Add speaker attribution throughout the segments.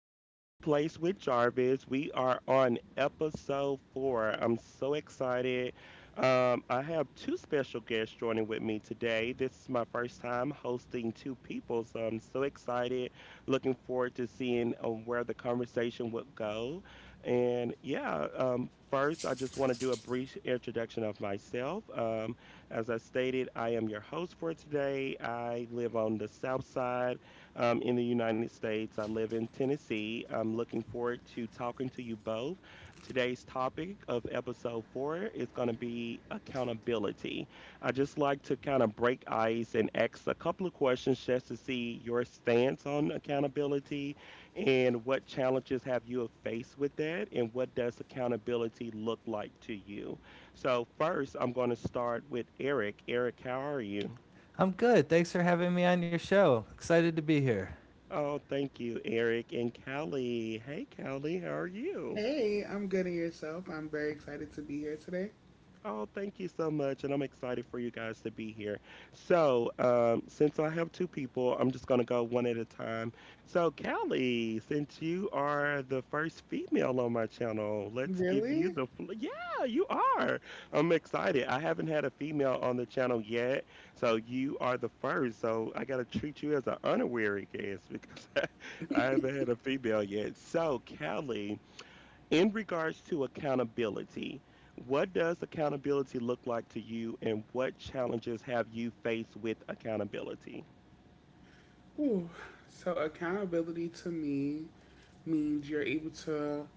Speaker 1: A Safe Place with Jarvis. We are on episode four. I'm so excited. I have two special guests joining with me today. This is my first time hosting two people, so I'm so excited. Looking forward to seeing where the conversation would go. And yeah, first, I just want to do a brief introduction of myself. As I stated, I am your host for today. I live on the south side in the United States. I live in Tennessee. I'm looking forward to talking to you both. Today's topic of episode four is going to be accountability. I just like to kind of break ice and ask a couple of questions just to see your stance on accountability and what challenges have you faced with that, and what does accountability look like to you? So first, I'm going to start with Eric. Eric, how are you?
Speaker 2: I'm good. Thanks for having me on your show. Excited to be here.
Speaker 1: Oh, thank you, Eric. And Callie, hey, Callie, how are you?
Speaker 3: Hey, I'm good in yourself. I'm very excited to be here today.
Speaker 1: Oh, thank you so much. And I'm excited for you guys to be here. So, since I have two people, I'm just going to go one at a time. So, Callie, since you are the first female on my channel, let's give you
Speaker 3: Really?
Speaker 1: Yeah, you are. I'm excited. I haven't had a female on the channel yet. So, you are the first. So, I got to treat you as an honorary guest because I haven't had a female yet. So, Callie, in regards to accountability, what does accountability look like to you, and what challenges have you faced with accountability?
Speaker 3: Ooh. So, accountability to me means you're able to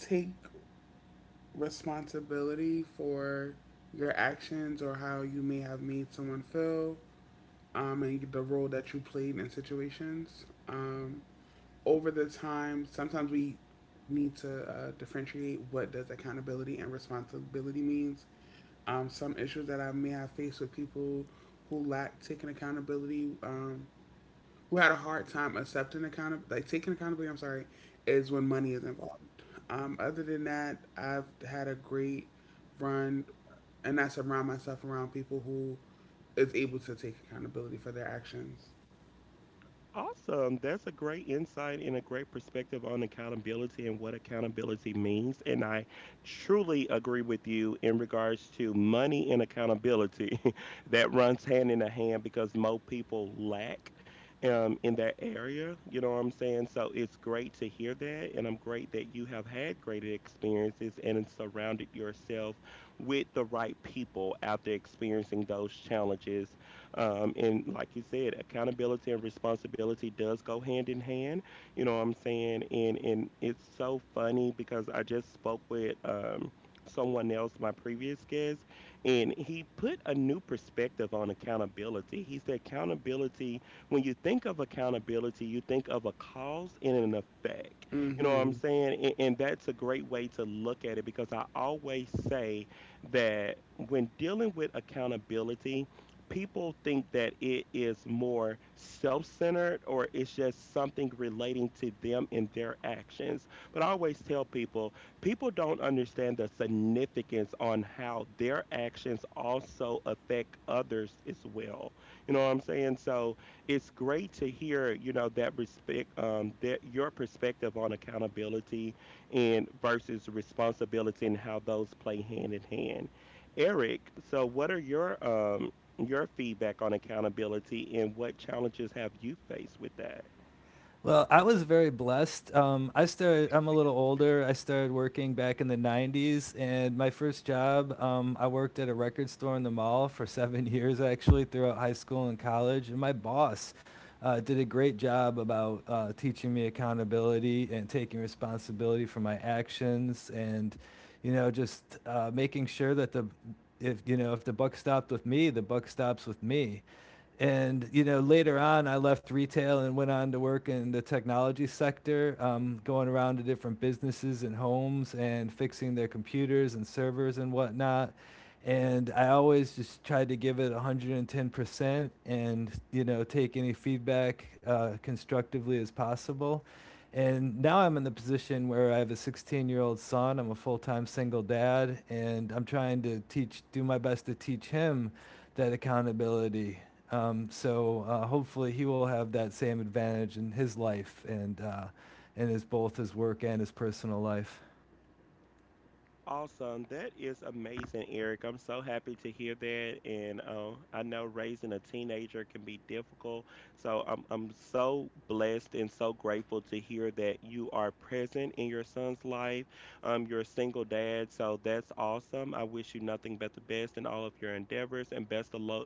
Speaker 3: take responsibility for your actions or how you may have made someone feel and the role that you played in situations. Over the time, sometimes we need to differentiate what does accountability and responsibility means. Some issues that I may have faced with people who lack taking accountability, who had a hard time accepting accountability, like taking accountability. I'm sorry, is when money is involved. Other than that, I've had a great run, and I surround myself around people who is able to take accountability for their actions.
Speaker 1: Awesome. That's a great insight and a great perspective on accountability and what accountability means. And I truly agree with you in regards to money and accountability. That runs hand in hand because most people lack in that area. You know what I'm saying? So it's great to hear that. And I'm great that you have had great experiences and surrounded yourself with the right people after experiencing those challenges, and like you said, accountability and responsibility does go hand in hand. You know what I'm saying? And it's so funny because I just spoke with someone else, my previous guest, and he put a new perspective on accountability. He said accountability, when you think of accountability, you think of a cause and an effect. You know what I'm
Speaker 3: Mm-hmm.
Speaker 1: saying? And that's a great way to look at it because I always say that when dealing with accountability, people think that it is more self centered or it's just something relating to them and their actions. But I always tell people, people don't understand the significance on how their actions also affect others as well. You know what I'm saying? So it's great to hear, you know, that respect, that your perspective on accountability and versus responsibility and how those play hand in hand. Eric, so what are your feedback on accountability, and what challenges have you faced with that?
Speaker 2: Well, I was very blessed. I started. I'm a little older. I started working back in the '90s, and my first job, I worked at a record store in the mall for seven years, actually, throughout high school and college. And my boss did a great job about teaching me accountability and taking responsibility for my actions, and you know, just making sure that the if you know if the buck stopped with me, the buck stops with me. And you know, later on, I left retail and went on to work in the technology sector, going around to different businesses and homes and fixing their computers and servers and whatnot. And I always just tried to give it 110%, and you know, take any feedback constructively as possible. And now I'm in the position where I have a 16-year-old year old son. I'm a full-time single dad, and I'm trying to teach do my best to teach him that accountability. Hopefully he will have that same advantage in his life and in his both his work and his personal life.
Speaker 1: Awesome. That is amazing, Eric. I'm so happy to hear that. And I know raising a teenager can be difficult. So I'm so blessed and so grateful to hear that you are present in your son's life. You're a single dad. So that's awesome. I wish you nothing but the best in all of your endeavors and best of luck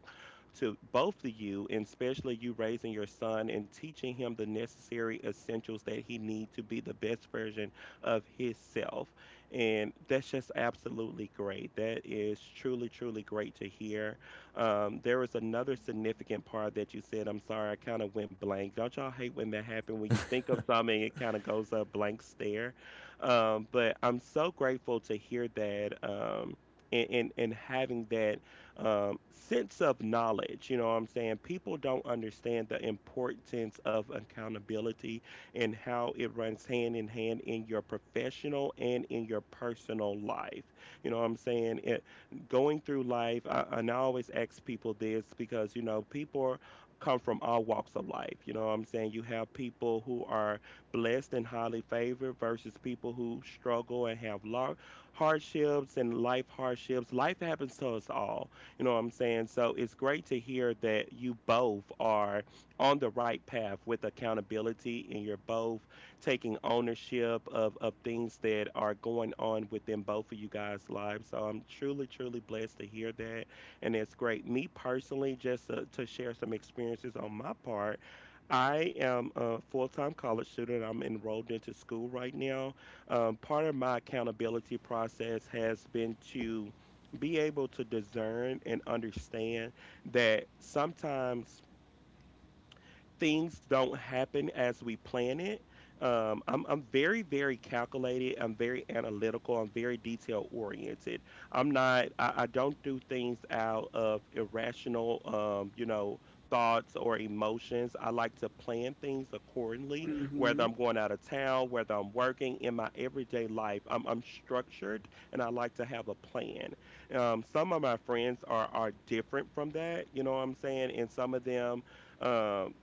Speaker 1: to both of you, and especially you raising your son and teaching him the necessary essentials that he needs to be the best version of himself. And that's just absolutely great. That is truly, truly great to hear. There was another significant part that you said. I'm sorry, I kind of went blank. Don't y'all hate when that happens? When you think of something, it kind of goes a blank stare. But I'm so grateful to hear that. And having that sense of knowledge, you know what I'm saying? People don't understand the importance of accountability and how it runs hand in hand in your professional and in your personal life. You know what I'm saying? Going through life, and I always ask people this because, you know, come from all walks of life. You know what I'm saying? You have people who are blessed and highly favored versus people who struggle and have hardships and life hardships. Life happens to us all. You know what I'm saying? So it's great to hear that you both are on the right path with accountability and you're both taking ownership of things that are going on within both of you guys' lives. So I'm truly, truly blessed to hear that. And it's great. Me personally, just to share some experiences on my part, I am a full time college student. I'm enrolled into school right now. Part of my accountability process has been to be able to discern and understand that sometimes things don't happen as we plan it. I'm very, very calculated. I'm very analytical. I'm very detail oriented. I'm not, I don't do things out of irrational, you know, thoughts or emotions. I like to plan things accordingly,
Speaker 3: Mm-hmm.
Speaker 1: whether I'm going out of town, whether I'm working in my everyday life. I'm structured and I like to have a plan. Some of my friends are different from that, you know what I'm saying? And some of them, um,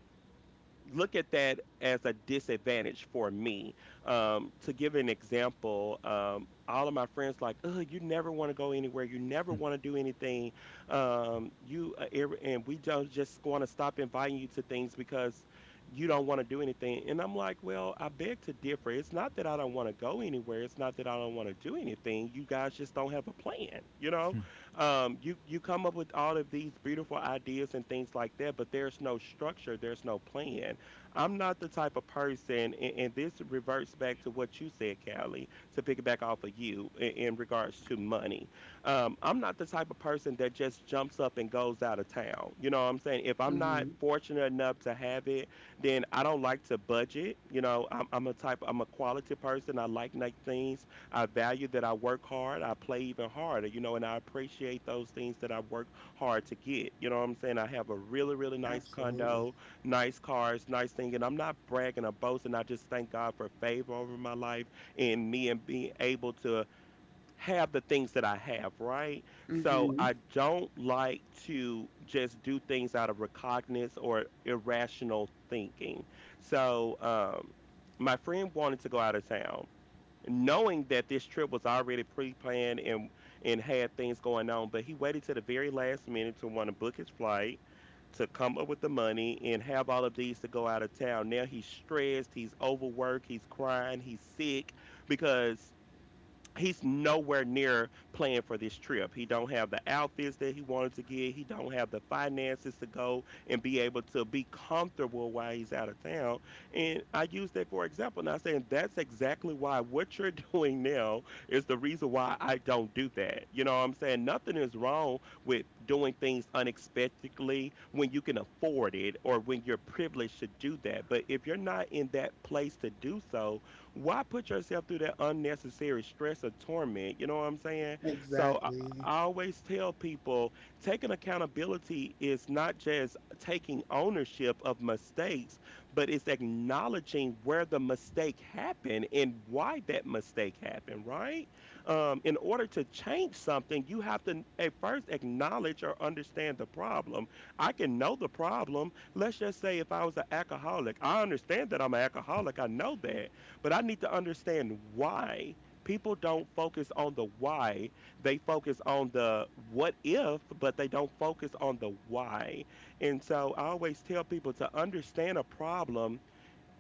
Speaker 1: look at that as a disadvantage for me. To give an example, all of my friends like, oh, you never want to go anywhere. You never want to do anything. And we don't just want to stop inviting you to things because you don't want to do anything. And I'm like, well, I beg to differ. It's not that I don't want to go anywhere. It's not that I don't want to do anything. You guys just don't have a plan. You know,
Speaker 2: You
Speaker 1: you come up with all of these beautiful ideas and things like that, but there's no structure. There's no plan. I'm not the type of person, and this reverts back to what you said, Callie, to pick it back off of you in regards to money. I'm not the type of person that just jumps up and goes out of town. You know what I'm saying? If I'm not
Speaker 3: Mm-hmm.
Speaker 1: fortunate enough to have it, then I don't like to budget. You know, I'm a I'm a quality person. I like nice things. I value that I work hard. I play even harder, you know, and I appreciate those things that I work hard to get. You know what I'm saying? I have a really, really nice
Speaker 3: Absolutely.
Speaker 1: condo, nice cars, nice thing. And I'm not bragging or boasting. I just thank God for favor over my life and me and being able to have the things that I have, right? So
Speaker 3: Mm-hmm.
Speaker 1: I don't like to just do things out of recognizance or irrational thinking. So my friend wanted to go out of town knowing that this trip was already pre-planned and had things going on, but he waited to the very last minute to want to book his flight, to come up with the money and have all of these to go out of town. Now he's stressed, he's overworked, he's crying, he's sick because he's nowhere near playing for this trip. He don't have the outfits that he wanted to get. He don't have the finances to go and be able to be comfortable while he's out of town. And I use that for example. Now saying that's exactly why what you're doing now is the reason why I don't do that. You know what I'm saying? Nothing is wrong with doing things unexpectedly when you can afford it or when you're privileged to do that. But if you're not in that place to do so, why put yourself through that unnecessary stress or torment? You know what I'm saying? So
Speaker 3: Exactly.
Speaker 1: I always tell people taking accountability is not just taking ownership of mistakes, but it's acknowledging where the mistake happened and why that mistake happened, right? In order to change something, you have to at first acknowledge or understand the problem. I can know the problem. Let's just say if I was an alcoholic, I understand that I'm an alcoholic. I know that. But I need to understand why. People don't focus on the why. They focus on the what if, but they don't focus on the why. And so I always tell people to understand a problem,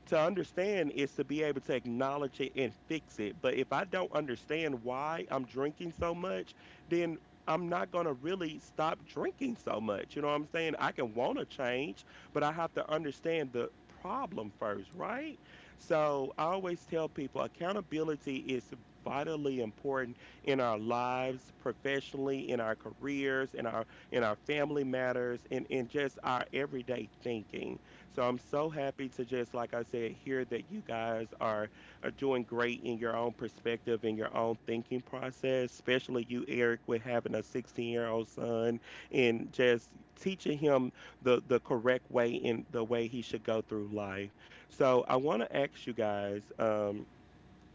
Speaker 1: to understand is to be able to acknowledge it and fix it. But if I don't understand why I'm drinking so much, then I'm not going to really stop drinking so much. You know what I'm saying? I can want to change, but I have to understand the problem first, right? So I always tell people accountability is vitally important in our lives, professionally, in our careers, in our family matters, and in just our everyday thinking. So I'm so happy to just, like I said, hear that you guys are doing great in your own perspective and your own thinking process, especially you, Eric, with having a 16-year-old son and just teaching him the correct way and the way he should go through life. So I want to ask you guys,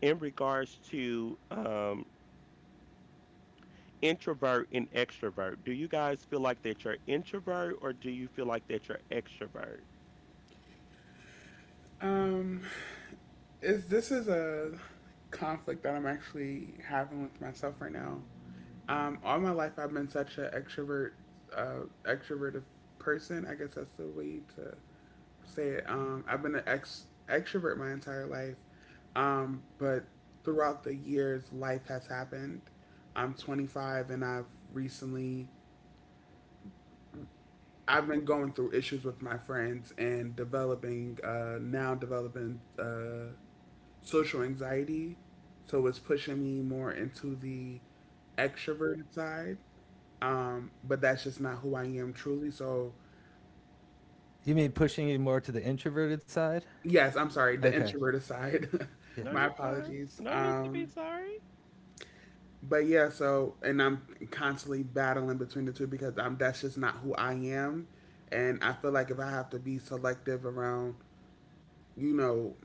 Speaker 1: in regards to. Introvert and extrovert, do you guys feel like that you're introvert or do you feel like that you're extrovert?
Speaker 3: Um, is this is a conflict that I'm actually having with myself right now. All my life I've been such an extrovert, extroverted person. I guess that's the way to say it. I've been an ex extrovert my entire life, but throughout the years, life has happened. I'm 25 and I've been going through issues with my friends and developing now developing social anxiety, so it's pushing me more into the extroverted side. But that's just not who I am truly. So
Speaker 2: mean pushing you more to the introverted side?
Speaker 3: yes, I'm sorry, the
Speaker 2: Okay.
Speaker 3: introverted side.
Speaker 2: Yeah.
Speaker 1: No,
Speaker 3: My
Speaker 1: you're fine.
Speaker 3: apologies.
Speaker 1: No need to be sorry.
Speaker 3: But yeah, and I'm constantly battling between the two because I'm that's just not who I am, and I feel like if I have to be selective around you know,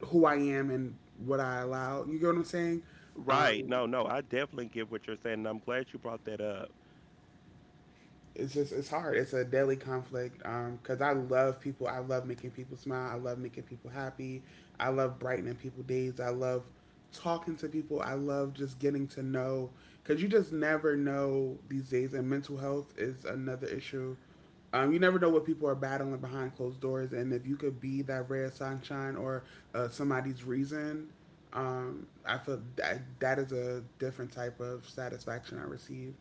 Speaker 3: who I am and what I allow. You get what I'm saying?
Speaker 1: Right.
Speaker 3: Um,
Speaker 1: No, I definitely get what you're saying. And I'm glad you brought that up.
Speaker 3: it's just it's hard. It's a daily conflict. Because I love people. I love making people smile. I love making people happy. I love brightening people's days. I love talking to people. I love just getting to know because you just never know these days. And mental health is another issue. You never know what people are battling behind closed doors, and if you could be that ray of sunshine or somebody's reason, I feel that that is a different type of satisfaction I receive.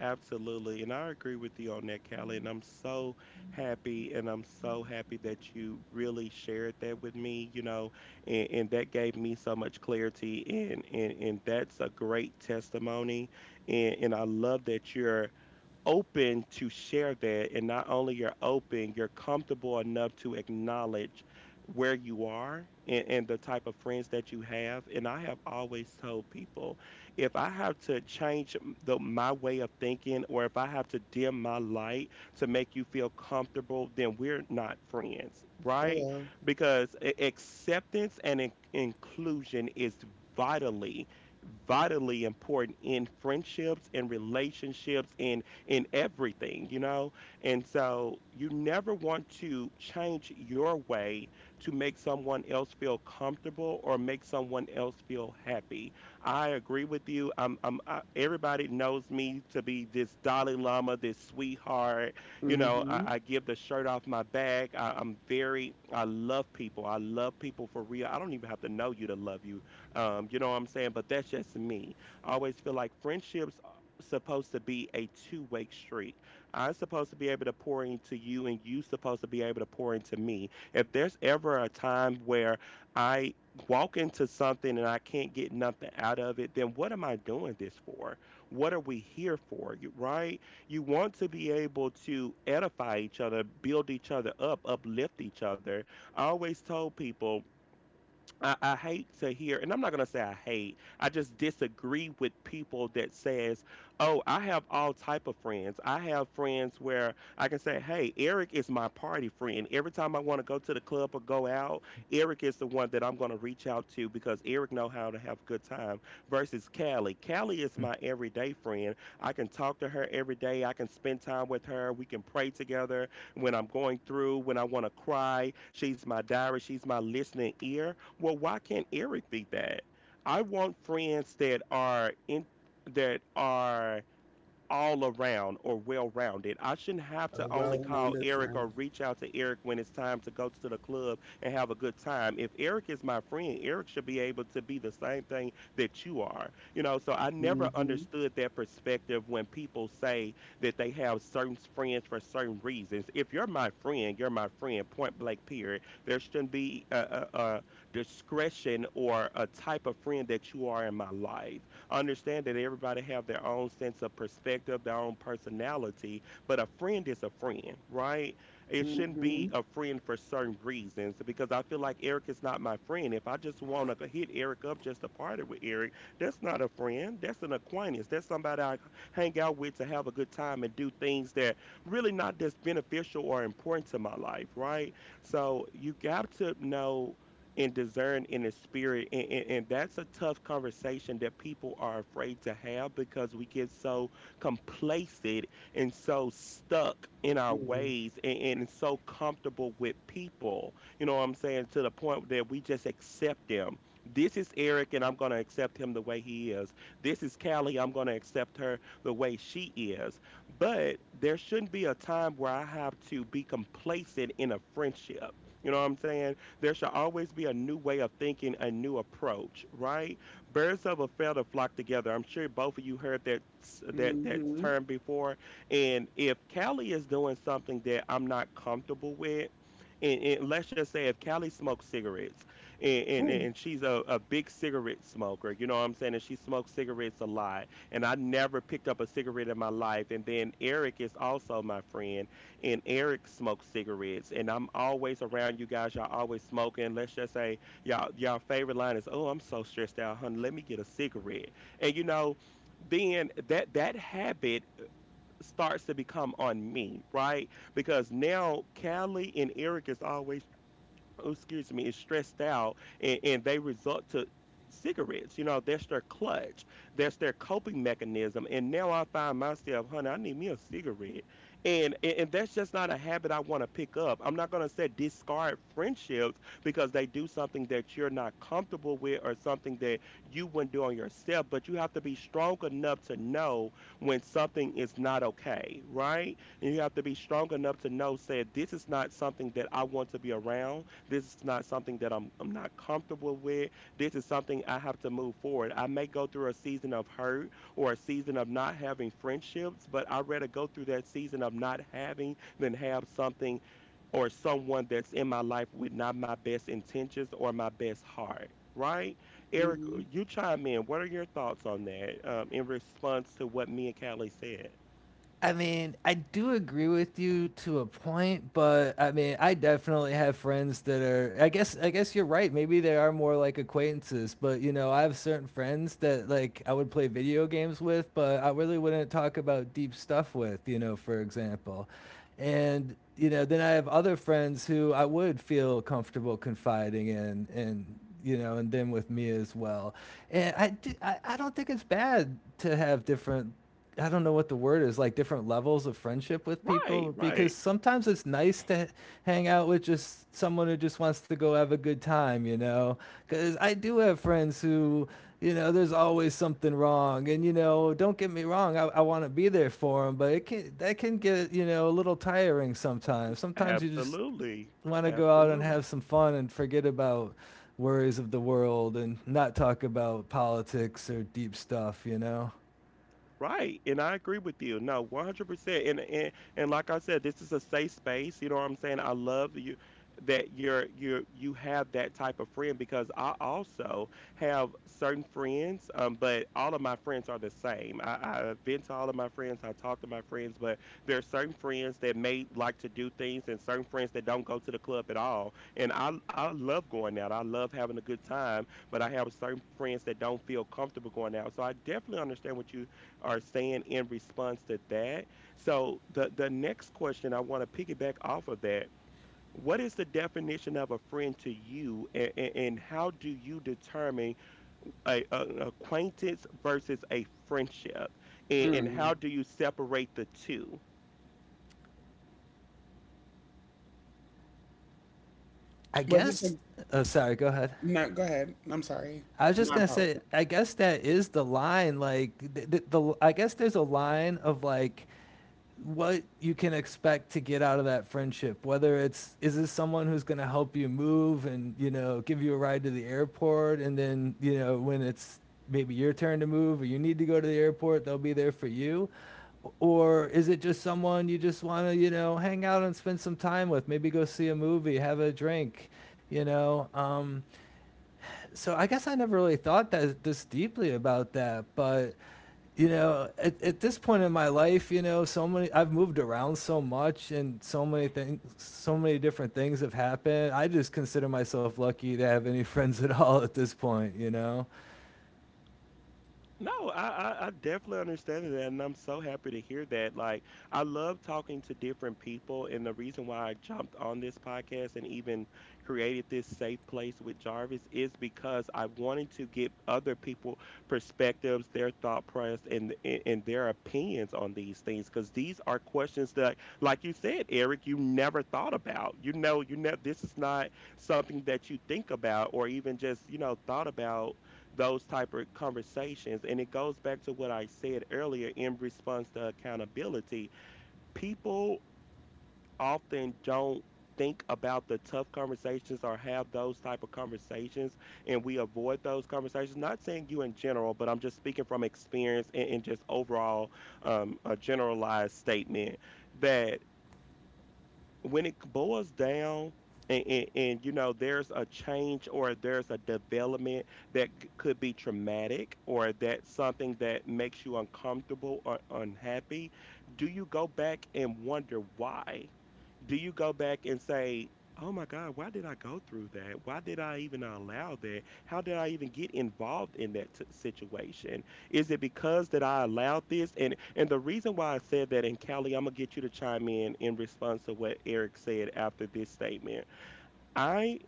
Speaker 1: Absolutely. And I agree with you on that, Callie. And I'm so happy, and I'm so happy that you really shared that with me, you know, and that gave me so much clarity, and that's a great testimony. And I love that you're open to share that. And not only you're open, you're comfortable enough to acknowledge where you are, and the type of friends that you have. And I have always told people, if I have to change my way of thinking, or if I have to dim my light to make you feel comfortable, then we're not friends, right?
Speaker 3: Hello.
Speaker 1: Because acceptance and inclusion is vitally vitally important in friendships and relationships and in everything, you know? And so you never want to change your way to make someone else feel comfortable or make someone else feel happy. I agree with you. Everybody knows me to be this Dalai Lama, this sweetheart. You know,
Speaker 3: Hmm.
Speaker 1: I give the shirt off my back. I'm very, I love people. I love people for real. I don't even have to know you to love you. You know what I'm saying? But that's just me. I always feel like friendships supposed to be a two-way street. I'm supposed to be able to pour into you, and you supposed to be able to pour into me. If there's ever a time where I walk into something and I can't get nothing out of it, then what am I doing this for? What are we here for? You right? You want to be able to edify each other, build each other up, uplift each other. I always told people, I hate to hear, and I'm not gonna say I hate. I just disagree with people that says, "Oh, I have all type of friends. I have friends where I can say, 'Hey, Eric is my party friend. Every time I want to go to the club or go out, Eric is the one that I'm gonna reach out to because Eric know how to have a good time.' Versus Callie. Callie is my everyday friend. I can talk to her every day. I can spend time with her. We can pray together when I'm going through, when I want to cry. She's my diary. She's my listening ear." Well, why can't Eric be that? I want friends that are in that are all around or well rounded. I shouldn't have
Speaker 3: A
Speaker 1: to only call
Speaker 3: well-rounded
Speaker 1: Eric or
Speaker 3: friend.
Speaker 1: reach out to Eric when it's time to go to the club and have a good time. If Eric is my friend, Eric should be able to be the same thing that you are. You know, so I never
Speaker 3: Mm-hmm.
Speaker 1: understood that perspective when people say that they have certain friends for certain reasons. If you're my friend, you're my friend, point blank period. There shouldn't be a, a discretion or a type of friend that you are in my life. Understand that everybody have their own sense of perspective, their own personality, but a friend is a friend, right? It shouldn't
Speaker 3: Mm-hmm.
Speaker 1: be a friend for certain reasons, because I feel like Eric is not my friend. If I just want to hit Eric up just to party with Eric, that's not a friend. That's an acquaintance. That's somebody I hang out with to have a good time and do things that really not that's beneficial or important to my life, right? So you got to know and discern in the spirit. And that's a tough conversation that people are afraid to have because we get so complacent and so stuck in our
Speaker 3: Mm.
Speaker 1: ways, and so comfortable with people. You know what I'm saying? To the point that we just accept them. This is Eric, and I'm going to accept him the way he is. This is Callie, I'm going to accept her the way she is. But there shouldn't be a time where I have to be complacent in a friendship. You know what I'm saying? There shall always be a new way of thinking, a new approach, right? Birds of a feather flock together. I'm sure both of you heard that that
Speaker 3: Mm-hmm.
Speaker 1: term before. And if Callie is doing something that I'm not comfortable with, and let's just say if Callie smokes cigarettes, and, and,
Speaker 3: Ooh.
Speaker 1: and she's a big cigarette smoker, you know what I'm saying? And she smokes cigarettes a lot. And I never picked up a cigarette in my life. And then Eric is also my friend, and Eric smokes cigarettes, and I'm always around you guys. Y'all always smoking. Let's just say y'all favorite line is, "Oh, I'm so stressed out, honey. Let me get a cigarette." And you know, then that habit starts to become on me, right? Because now Callie and Eric is always, oh, excuse me, is stressed out, and they resort to cigarettes. You know, that's their clutch, that's their coping mechanism. And now I find myself, honey, I need me a cigarette. And that's just not a habit I want to pick up. I'm not going to say discard friendships because they do something that you're not comfortable with or something that you wouldn't do on yourself, but you have to be strong enough to know when something is not okay, right? And you have to be strong enough to know, say, this is not something that I want to be around. This is not something that I'm not comfortable with. This is something I have to move forward. I may go through a season of hurt or a season of not having friendships, but I'd rather go through that season of not having than have something or someone that's in my life with not my best intentions or my best heart. Right, Eric,
Speaker 3: Mm-hmm.
Speaker 1: you chime in. What are your thoughts on that, in response to what me and Callie said?
Speaker 2: I mean, I do agree with you to a point, but I mean, I definitely have friends that are. I guess you're right. Maybe they are more like acquaintances, but you know, I have certain friends that like I would play video games with, but I really wouldn't talk about deep stuff with. You know, for example, and you know, then I have other friends who I would feel comfortable confiding in, and you know, and then with me as well. And I don't think it's bad to have different, I don't know what the word is, like different levels of friendship with
Speaker 1: Right,
Speaker 2: people, because
Speaker 1: right.
Speaker 2: sometimes it's nice to hang out with just someone who just wants to go have a good time, you know? Cuz I do have friends who, you know, there's always something wrong, and you know, don't get me wrong, I want to be there for them, but it can that can get, you know, a little tiring sometimes. Sometimes you just
Speaker 1: Absolutely.
Speaker 2: want to go out and have
Speaker 1: Absolutely.
Speaker 2: some fun and forget about worries of the world and not talk about politics or deep stuff, you know?
Speaker 1: Right. And I agree with you. No, 100%. And like I said, this is a safe space, you know what I'm saying? I love you that you're you have that type of friend, because I also have certain friends, but all of my friends are the same. I vent to all of my friends, I talk to my friends, but there are certain friends that may like to do things and certain friends that don't go to the club at all. And I love going out. I love having a good time, but I have certain friends that don't feel comfortable going out. So I definitely understand what you are saying in response to that. So the next question I want to piggyback off of that. What is the definition of a friend to you, and how do you determine a, an acquaintance versus a friendship, and how
Speaker 3: Mm.
Speaker 1: do you separate the two?
Speaker 2: I
Speaker 3: Was this a
Speaker 2: guess. Oh, sorry. Go ahead.
Speaker 3: no? Go ahead. I'm sorry.
Speaker 2: I was just
Speaker 3: My
Speaker 2: gonna say.
Speaker 3: apologies.
Speaker 2: I guess that is the line. Like the I guess there's a line of like what you can expect to get out of that friendship, whether it's, is this someone who's going to help you move and you know give you a ride to the airport, and then you know when it's maybe your turn to move or you need to go to the airport, they'll be there for you? Or is it just someone you just want to you know hang out and spend some time with, maybe go see a movie, have a drink, you know? So I guess I never really thought that this deeply about that, but you know, at this point in my life, you know, so many, I've moved around so much, and so many things, so many different things have happened. I just consider myself lucky to have any friends at all at this point, you know.
Speaker 1: No, I definitely understand that, and I'm so happy to hear that. Like, I love talking to different people, and the reason why I jumped on this podcast and even created this safe place with Jarvis is because I wanted to get other people perspectives, their thought process, and their opinions on these things, because these are questions that, like you said, Eric, you never thought about. You know, this is not something that you think about or even just thought about those type of conversations. And it goes back to what I said earlier in response to accountability. People often don't think about the tough conversations or have those type of conversations, and we avoid those conversations. Not saying you in general, but I'm just speaking from experience and just overall a generalized statement that when it boils down and you know, there's a change or there's a development that could be traumatic or that something that makes you uncomfortable or unhappy. Do you go back and wonder why? Do you go back and say, "Oh my God, why did I go through that? Why did I even allow that? How did I even get involved in that situation? Is it because that I allowed this?" And the reason why I said that, and Callie, I'm gonna get you to chime in response to what Eric said after this statement. I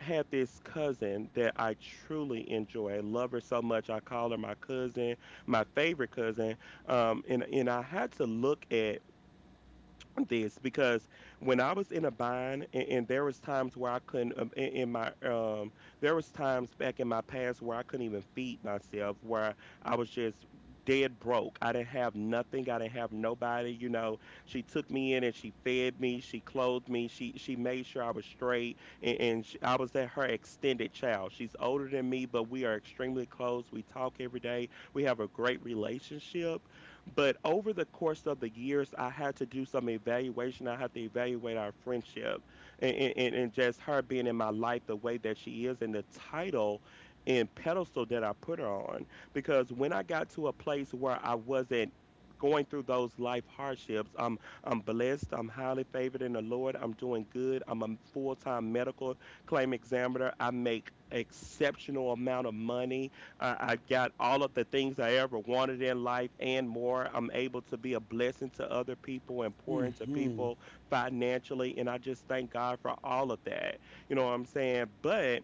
Speaker 1: had this cousin that I truly enjoy. I love her so much. I call her my cousin, my favorite cousin. And I had to look at this because when I was in a bind, and there was times where I couldn't in my there was times back in my past where I couldn't even feed myself, where I was just dead broke. I didn't have nothing. I didn't have nobody. You know, she took me in and she fed me. She clothed me. She made sure I was straight, and she, I was that her extended child. She's older than me, but we are extremely close. We talk every day. We have a great relationship, but over the course of the years, I had to do some evaluation. I had to evaluate our friendship and just her being in my life the way that she is, and the title and pedestal that I put her on. Because when I got to a place where I wasn't going through those life hardships, I'm blessed, I'm highly favored in the Lord, I'm doing good, I'm a full-time medical claim examiner, I make exceptional amount of money. I've got all of the things I ever wanted in life and more. I'm able to be a blessing to other people and pour into
Speaker 3: Mm-hmm.
Speaker 1: people financially. And I just thank God for all of that. You know what I'm saying? But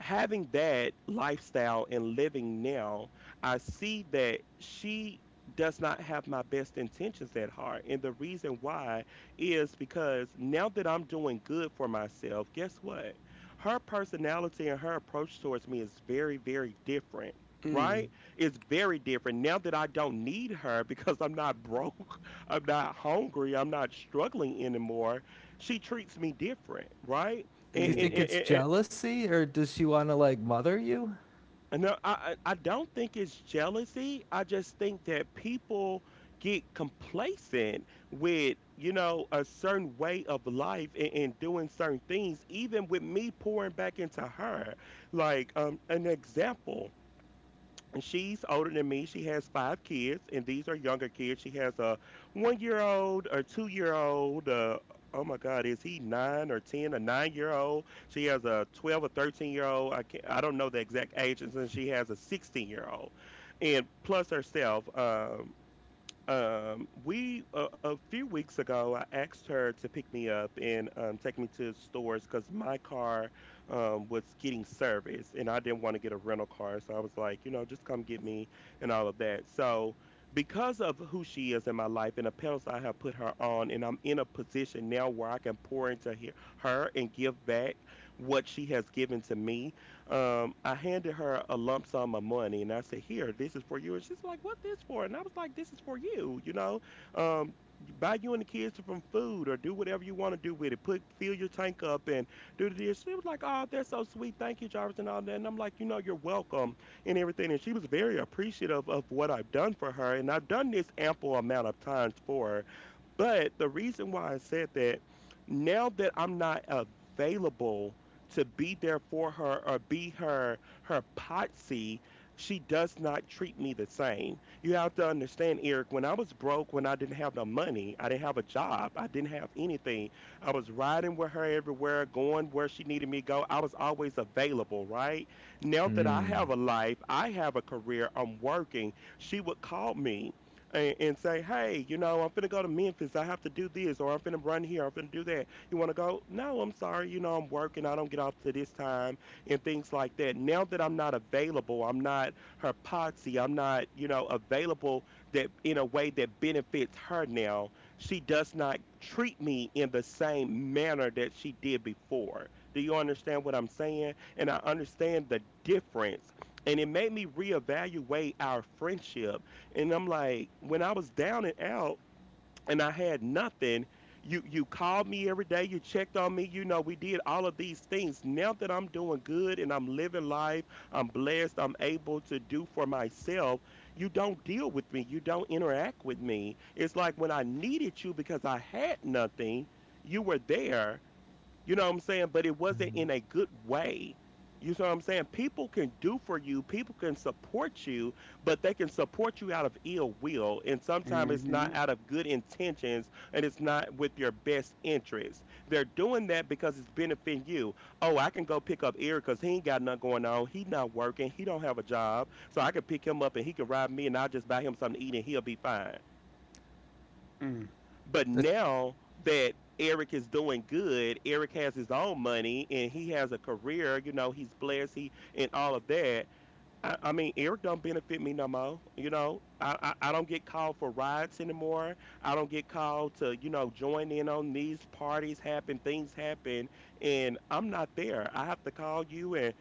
Speaker 1: having that lifestyle and living now, I see that she does not have my best intentions at heart. And the reason why is because now that I'm doing good for myself, guess what? Her personality and her approach towards me is very, very different.
Speaker 3: Mm.
Speaker 1: Right? It's very different now that I don't need her because I'm not broke, I'm not hungry, I'm not struggling anymore. She treats me different, right?
Speaker 2: Do you think
Speaker 3: Mm.
Speaker 2: it's
Speaker 1: and,
Speaker 2: jealousy, or does she want to like mother you?
Speaker 1: And no, I don't think it's jealousy. I just think that people get complacent with, you know, a certain way of life and doing certain things, even with me pouring back into her. Like, an example. She's older than me. She has five kids, and these are younger kids. She has a 1 year old, a 2 year old. Oh my God, is he nine or ten? A 9 year old. She has a 12 or 13 year old. I can't. I don't know the exact ages, and she has a 16 year old, and plus herself. We a few weeks ago, I asked her to pick me up and take me to stores because my car was getting serviced, and I didn't want to get a rental car, so I was like, you know, just come get me and all of that. So, because of who she is in my life and the pedals I have put her on, and I'm in a position now where I can pour into her and give back what she has given to me. I handed her a lump sum of money and I said, "Here, this is for you." And she's like, "What this for?" And I was like, "This is for you, you know. Um, buy you and the kids some food or do whatever you want to do with it. Put fill your tank up and do this." She was like, "Oh, that's so sweet. Thank you, Jarvis," and all that. And I'm like, you know, "You're welcome" and everything. And she was very appreciative of what I've done for her. And I've done this ample amount of times for her. But the reason why I said that, now that I'm not available to be there for her or be her potsy, she does not treat me the same. You have to understand, Eric, when I was broke, when I didn't have no money, I didn't have a job, I didn't have anything. I was riding with her everywhere, going where she needed me to go. I was always available, right? Now that I
Speaker 2: Hmm.
Speaker 1: have a life, I have a career, I'm working. She would call me and say, "Hey, you know, I'm finna go to Memphis. I have to do this, or I'm finna run here. I'm finna do that. You want to go?" "No, I'm sorry. You know, I'm working. I don't get off to this time" and things like that. Now that I'm not available, I'm not her potsy. I'm not, you know, available that in a way that benefits her now. She does not treat me in the same manner that she did before. Do you understand what I'm saying? And I understand the difference. And it made me reevaluate our friendship, and I'm like, when I was down and out and I had nothing, you called me every day, you checked on me, you know, we did all of these things. Now that I'm doing good and I'm living life, I'm blessed, I'm able to do for myself, you don't deal with me, you don't interact with me. It's like when I needed you because I had nothing, you were there, you know what I'm saying? But it wasn't in a good way. You know what I'm saying? People can do for you, people can support you, but they can support you out of ill will. And sometimes it's
Speaker 3: Mm-hmm.
Speaker 1: not out of good intentions, and it's not with your best interest. They're doing that because it's benefiting you. "Oh, I can go pick up Eric because he ain't got nothing going on. He not working. He don't have a job. So I can pick him up and he can ride me and I'll just buy him something to eat and he'll be fine."
Speaker 3: Mm.
Speaker 1: But
Speaker 2: That-
Speaker 1: now that Eric is doing good, Eric has his own money and he has a career, you know, he's blessed, he and all of that. I mean, Eric don't benefit me no more, you know. I don't get called for riots anymore. I don't get called to, you know, join in on these parties happen, things happen, and I'm not there. I have to call you and,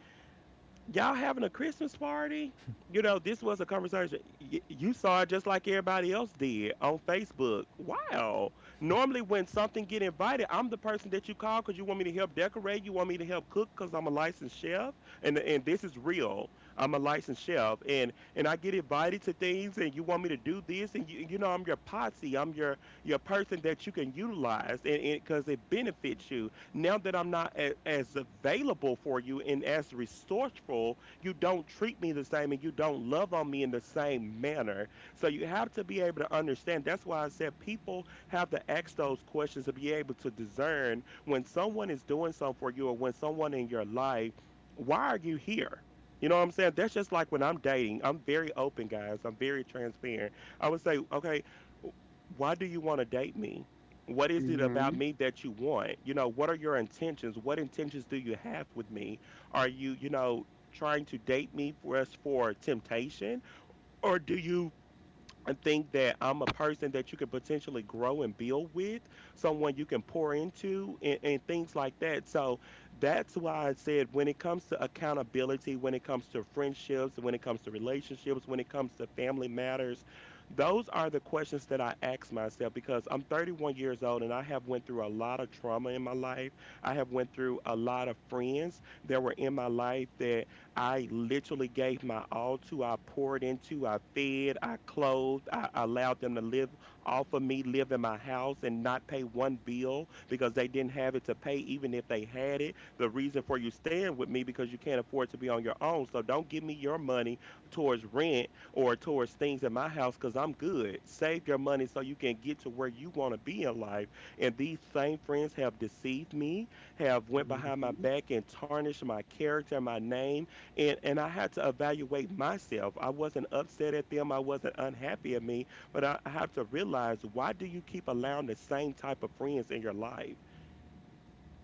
Speaker 1: "Y'all having a Christmas party?" You know, this was a conversation. You saw it just like everybody else did on Facebook. Wow. Normally, when something get invited, I'm the person that you call because you want me to help decorate. You want me to help cook because I'm a licensed chef, and this is real. I'm a licensed chef, and I get invited to things, and you want me to do this, and you know I'm your posse. I'm your person that you can utilize, and because it benefits you now that I'm not as available for you and as resourceful, you don't treat me the same and you don't love on me in the same manner. So you have to be able to understand. That's why I said people have to ask those questions to be able to discern when someone is doing something for you or when someone in your life, why are you here? You know what I'm saying? That's just like when I'm dating. I'm very open, guys. I'm very transparent. I would say, okay, why do you want to date me? What is it
Speaker 3: Mm-hmm.
Speaker 1: about me that you want? You know, what are your intentions? What intentions do you have with me? Are you, you know, trying to date me for us for temptation? Or do you and think that I'm a person that you could potentially grow and build with, someone you can pour into, and things like that. So that's why I said when it comes to accountability, when it comes to friendships, when it comes to relationships, when it comes to family matters, those are the questions that I ask myself because I'm 31 years old and I have went through a lot of trauma in my life. I have went through a lot of friends that were in my life that I literally gave my all to. I poured into, I fed, I clothed, I allowed them to live off of me, live in my house, and not pay one bill because they didn't have it to pay, even if they had it. The reason for you staying with me because you can't afford to be on your own. So don't give me your money towards rent or towards things in my house because I'm good. Save your money so you can get to where you want to be in life. And these same friends have deceived me, have went behind my
Speaker 3: Mm-hmm.
Speaker 1: back and tarnished my character, my name, and I had to evaluate myself. I wasn't upset at them. I wasn't unhappy at me, but I have to realize, why do you keep allowing the same type of friends in your life?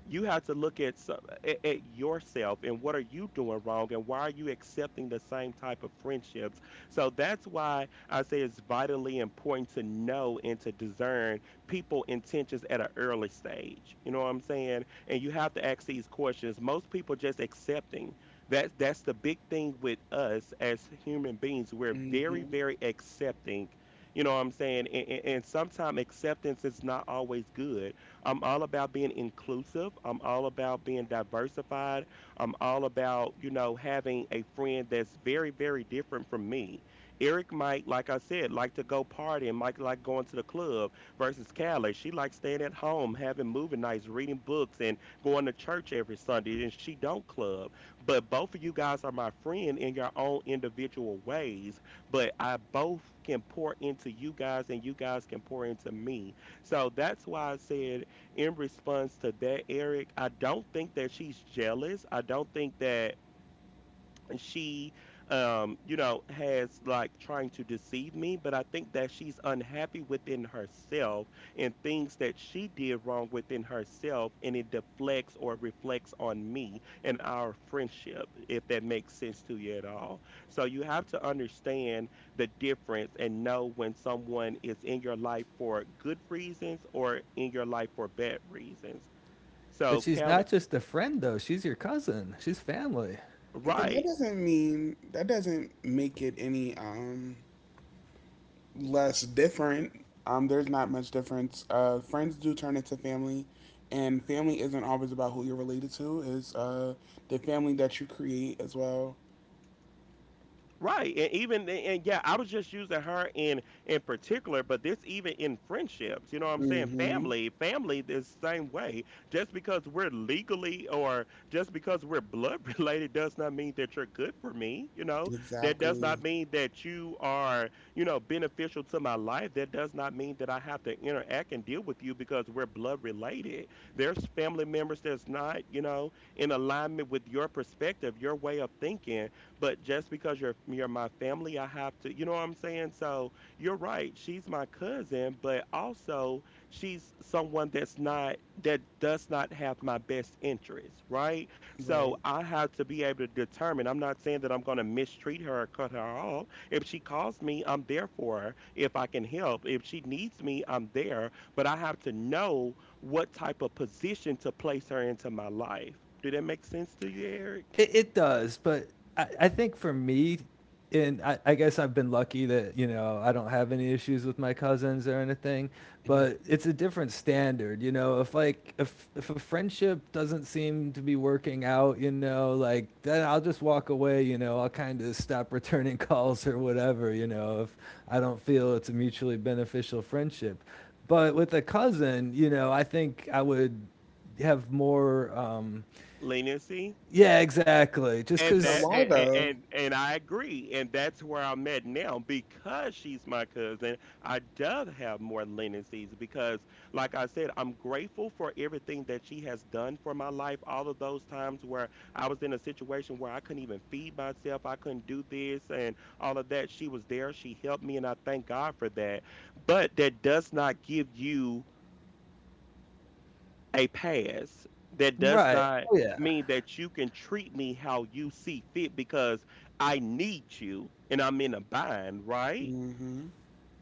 Speaker 1: You have to look at, at yourself and what are you doing wrong and why are you accepting the same type of friendships. So that's why I say it's vitally important to know and to discern people intentions at an early stage. You know what I'm saying? And you have to ask these questions. Most people just accepting. That's the big thing with us as human beings. We're very
Speaker 3: Mm-hmm.
Speaker 1: very accepting. You know what I'm saying? And sometimes acceptance is not always good. I'm all about being inclusive. I'm all about being diversified. I'm all about, you know, having a friend that's very, very different from me. Eric might, like I said, like to go party and might like going to the club versus Callie. She likes staying at home, having movie nights, reading books, and going to church every Sunday, and she don't club. But both of you guys are my friend in your own individual ways. But I both can pour into you guys and you guys can pour into me. So that's why I said, in response to that, Eric, I don't think that she's jealous. I don't think that she, you know, has like trying to deceive me, but I think that she's unhappy within herself and things that she did wrong within herself, and it deflects or reflects on me and our friendship, if that makes sense to you at all. So you have to understand the difference and know when someone is in your life for good reasons or in your life for bad reasons.
Speaker 2: but
Speaker 1: So
Speaker 2: she's
Speaker 1: Kelly,
Speaker 2: not just a friend though. She's your cousin. She's family.
Speaker 3: But that
Speaker 1: right?
Speaker 3: doesn't mean that doesn't make it any less different. There's not much difference. Friends do turn into family, and family isn't always about who you're related to. It's the family that you create as well.
Speaker 1: Right. And even and yeah, I was just using her in particular, but this even in friendships, you know what I'm saying?
Speaker 3: Mm-hmm.
Speaker 1: Family, family the same way. Just because we're legally or just because we're blood related does not mean that you're good for me, you know? That does not
Speaker 3: Exactly.
Speaker 1: mean that you are, you know, beneficial to my life. That does not mean that I have to interact and deal with you because we're blood related. There's family members that's not, you know, in alignment with your perspective, your way of thinking, but just because you're my family, I have to, you know what I'm saying? So you're right. She's my cousin, but also she's someone that's not, that does not have my best interest, right? So
Speaker 3: Right.
Speaker 1: I have to be able to determine. I'm not saying that I'm going to mistreat her or cut her off. If she calls me, I'm there for her. If I can help, if she needs me, I'm there. But I have to know what type of position to place her into my life. Did that make sense to you, Eric?
Speaker 2: It does, but I think for me, and I guess I've been lucky that you know I don't have any issues with my cousins or anything, but it's a different standard, you know. If like if a friendship doesn't seem to be working out, you know, like then I'll just walk away, you know. I'll kind of stop returning calls or whatever, you know, if I don't feel it's a mutually beneficial friendship. But with a cousin, you know, I think I would have more
Speaker 1: Leniency.
Speaker 2: yeah, exactly. Just
Speaker 1: and
Speaker 3: But
Speaker 1: that
Speaker 2: cause,
Speaker 3: why
Speaker 1: and,
Speaker 3: though?
Speaker 1: and and I agree, and that's where I'm at now because she's my cousin. I does have more leniencies because, like I said, I'm grateful for everything that she has done for my life. All of those times where I was in a situation where I couldn't even feed myself, I couldn't do this and all of that. She was there. She helped me, and I thank God for that. But that does not give you a pass, that does
Speaker 2: right.
Speaker 1: not
Speaker 2: Oh, yeah.
Speaker 1: mean that you can treat me how you see fit because I need you and I'm in a bind, right?
Speaker 3: Mm-hmm.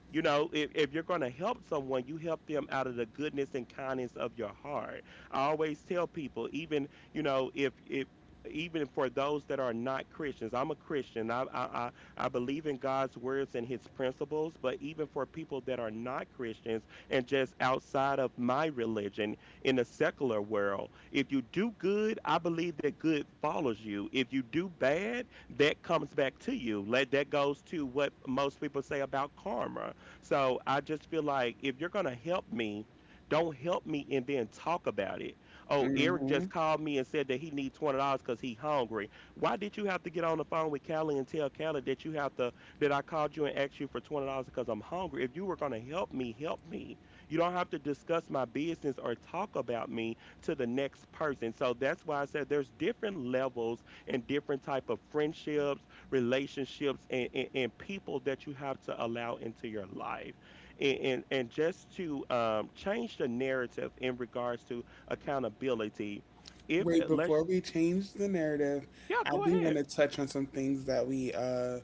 Speaker 1: You know, if you're going to help someone, you help them out of the goodness and kindness of your heart. I always tell people, even you know, if even for those that are not Christians, I'm a Christian. I I believe in God's words and His principles. But even for people that are not Christians and just outside of my religion, in the secular world, if you do good, I believe that good follows you. If you do bad, that comes back to you. Let that goes to what most people say about karma. So I just feel like if you're going to help me, don't help me and then talk about it. Oh, Eric
Speaker 3: Mm-hmm.
Speaker 1: just called me and said that he needs $20 because he hungry. Why did you have to get on the phone with Callie and tell Callie that you have to, that I called you and asked you for $20 because I'm hungry? If you were gonna help me, help me. You don't have to discuss my business or talk about me to the next person. So that's why I said there's different levels and different type of friendships, relationships, and people that you have to allow into your life, and just to change the narrative in regards to accountability if
Speaker 3: Wait,
Speaker 1: it let's.
Speaker 3: before we change the narrative,
Speaker 1: Yeah,
Speaker 3: I
Speaker 1: go
Speaker 3: do want
Speaker 1: ahead.
Speaker 3: to touch on some things that we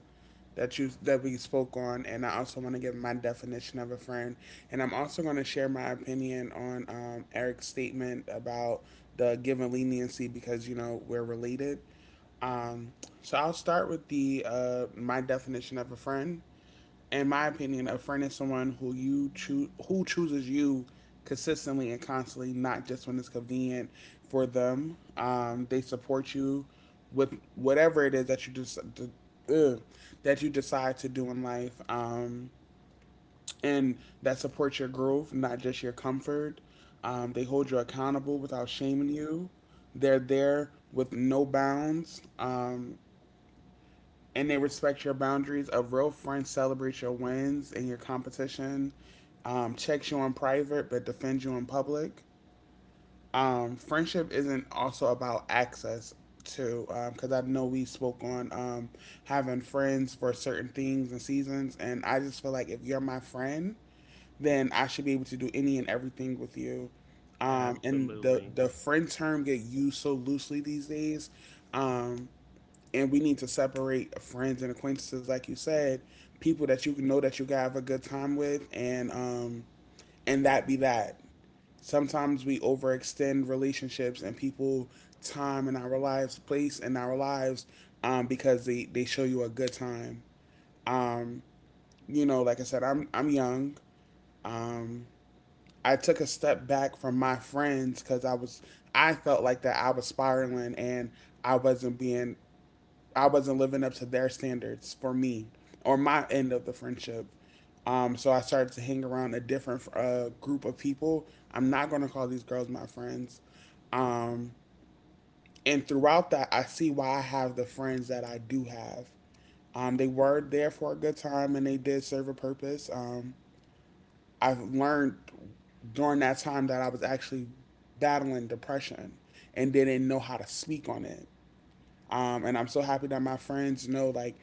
Speaker 3: that you that we spoke on, and I also want to give my definition of a friend, and I'm also going to share my opinion on Eric's statement about the given leniency because you know we're related. Um, so I'll start with the my definition of a friend. In my opinion, a friend is someone who you choose who chooses you consistently and constantly, not just when it's convenient for them. They support you with whatever it is that that you decide to do in life, and that supports your growth, not just your comfort. They hold you accountable without shaming you. They're there with no bounds. And they respect your boundaries. A real friend celebrates your wins and your competition, checks you in private but defends you in public. Friendship isn't also about access to, because I know we spoke on having friends for certain things and seasons, and I just feel like if you're my friend, then I should be able to do any and everything with you. And the
Speaker 1: Absolutely.
Speaker 3: the friend term get used so loosely these days. Um, and we need to separate friends and acquaintances, like you said, people that you know that you can have a good time with, and that be that. Sometimes we overextend relationships and people time in our lives, place in our lives, because they show you a good time. You know, like I said, I'm young. I took a step back from my friends because I felt like that I was spiraling and I wasn't being I wasn't living up to their standards for me or my end of the friendship. So I started to hang around a different group of people. I'm not going to call these girls my friends. Um, and throughout that, I see why I have the friends that I do have. They were there for a good time and they did serve a purpose. I've learned during that time that I was actually battling depression and didn't know how to speak on it. And I'm so happy that my friends know, like,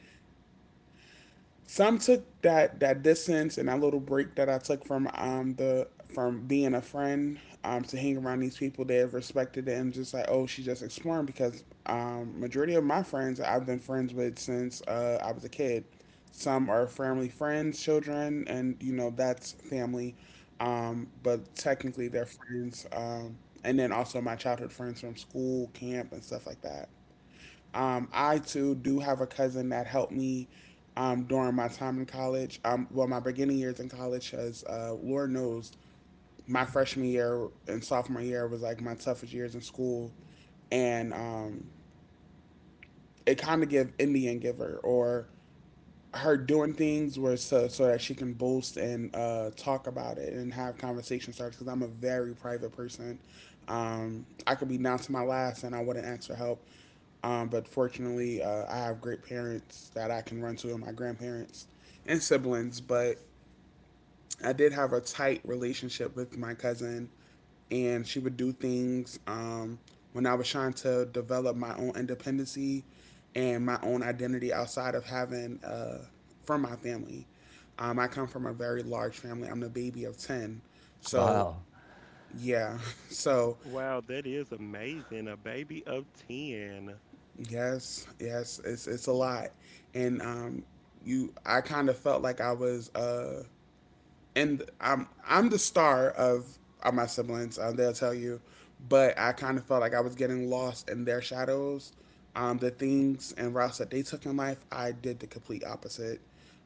Speaker 3: some took that distance and that little break that I took from the from being a friend to hang around these people that have respected it and just like, oh, she's just exploring, because majority of my friends I've been friends with since I was a kid. Some are family friends, children, and you know that's family, but technically they're friends. And then also my childhood friends from school, camp, and stuff like that. I too do have a cousin that helped me during my time in college. Well, my beginning years in college, because Lord knows my freshman year and sophomore year was like my toughest years in school. And it kind of gave Indian giver or her doing things where so that she can boast and talk about it and have conversation starts because I'm a very private person. I could be down to my last and I wouldn't ask for help. But fortunately, I have great parents that I can run to and my grandparents and siblings. But I did have a tight relationship with my cousin, and she would do things when I was trying to develop my own independency and my own identity outside of having from my family. I come from a very large family. I'm the baby of ten, so
Speaker 2: Wow.
Speaker 3: yeah, so
Speaker 1: Wow, that is amazing, a baby of 10.
Speaker 3: yes, it's a lot, and I kind of felt like I was. And I'm the star of my siblings. They'll tell you, but I kind of felt like I was getting lost in their shadows. The things and routes that they took in life, I did the complete opposite.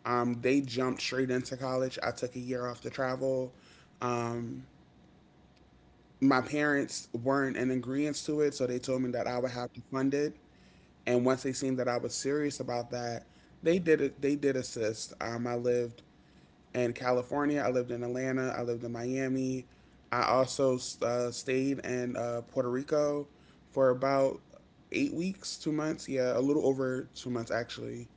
Speaker 3: They jumped straight into college. I took a year off to travel. Um, my parents weren't in agreement to it, so they told me that I would have to fund it. And once they seen that I was serious about that, they did it. They did assist. I lived in California. I lived in Atlanta. I lived in Miami. I also stayed in Puerto Rico for about 8 weeks, 2 months. Yeah, a little over 2 months actually.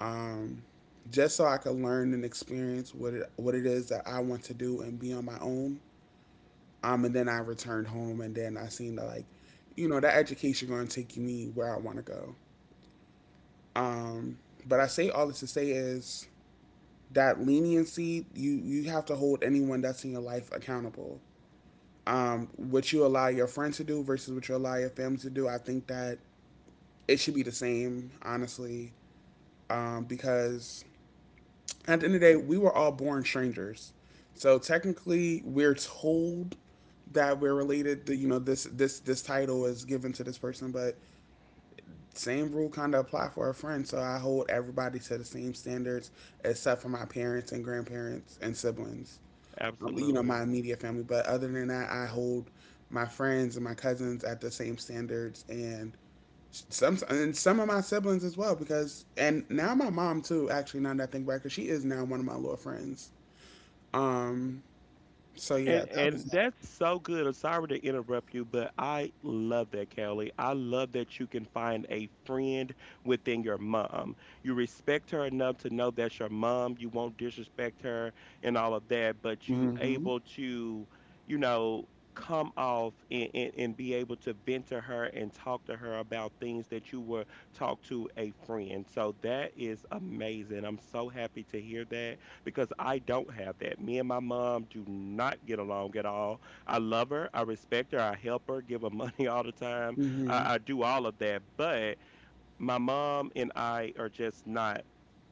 Speaker 3: Um, just so I could learn and experience what it is that I want to do and be on my own. And then I returned home, and then I seen that like, you know, that education going to take me where I want to go. Um, but I say all this to say is that leniency, you have to hold anyone that's in your life accountable. What you allow your friends to do versus what you allow your family to do, I think that it should be the same, honestly, because at the end of the day, we were all born strangers. So technically, we're told that we're related. That you know, this title is given to this person, but same rule kind of apply for a friend. So I hold everybody to the same standards, except for my parents and grandparents and siblings. You know,
Speaker 1: Absolutely.
Speaker 3: my immediate family, but other than that, I hold my friends and my cousins at the same standards, and some of my siblings as well, because and now my mom too, actually, now that I think back, because she is now one of my little friends. Um so yeah, that was
Speaker 1: And
Speaker 3: that.
Speaker 1: that's so good. I'm sorry to interrupt you, but I love that, Kelly. I love that you can find a friend within your mom. You respect her enough to know that's your mom. You won't disrespect her and all of that, but you able to, you know, come off and, and be able to vent to her and talk to her about things that you were talk to a friend. So that is amazing. I'm so happy to hear that because I don't have that. Me and my mom do not get along at all. I love her, I respect her, I help her, give her money all the time.
Speaker 3: Hmm.
Speaker 1: I do all of that, but my mom and I are just not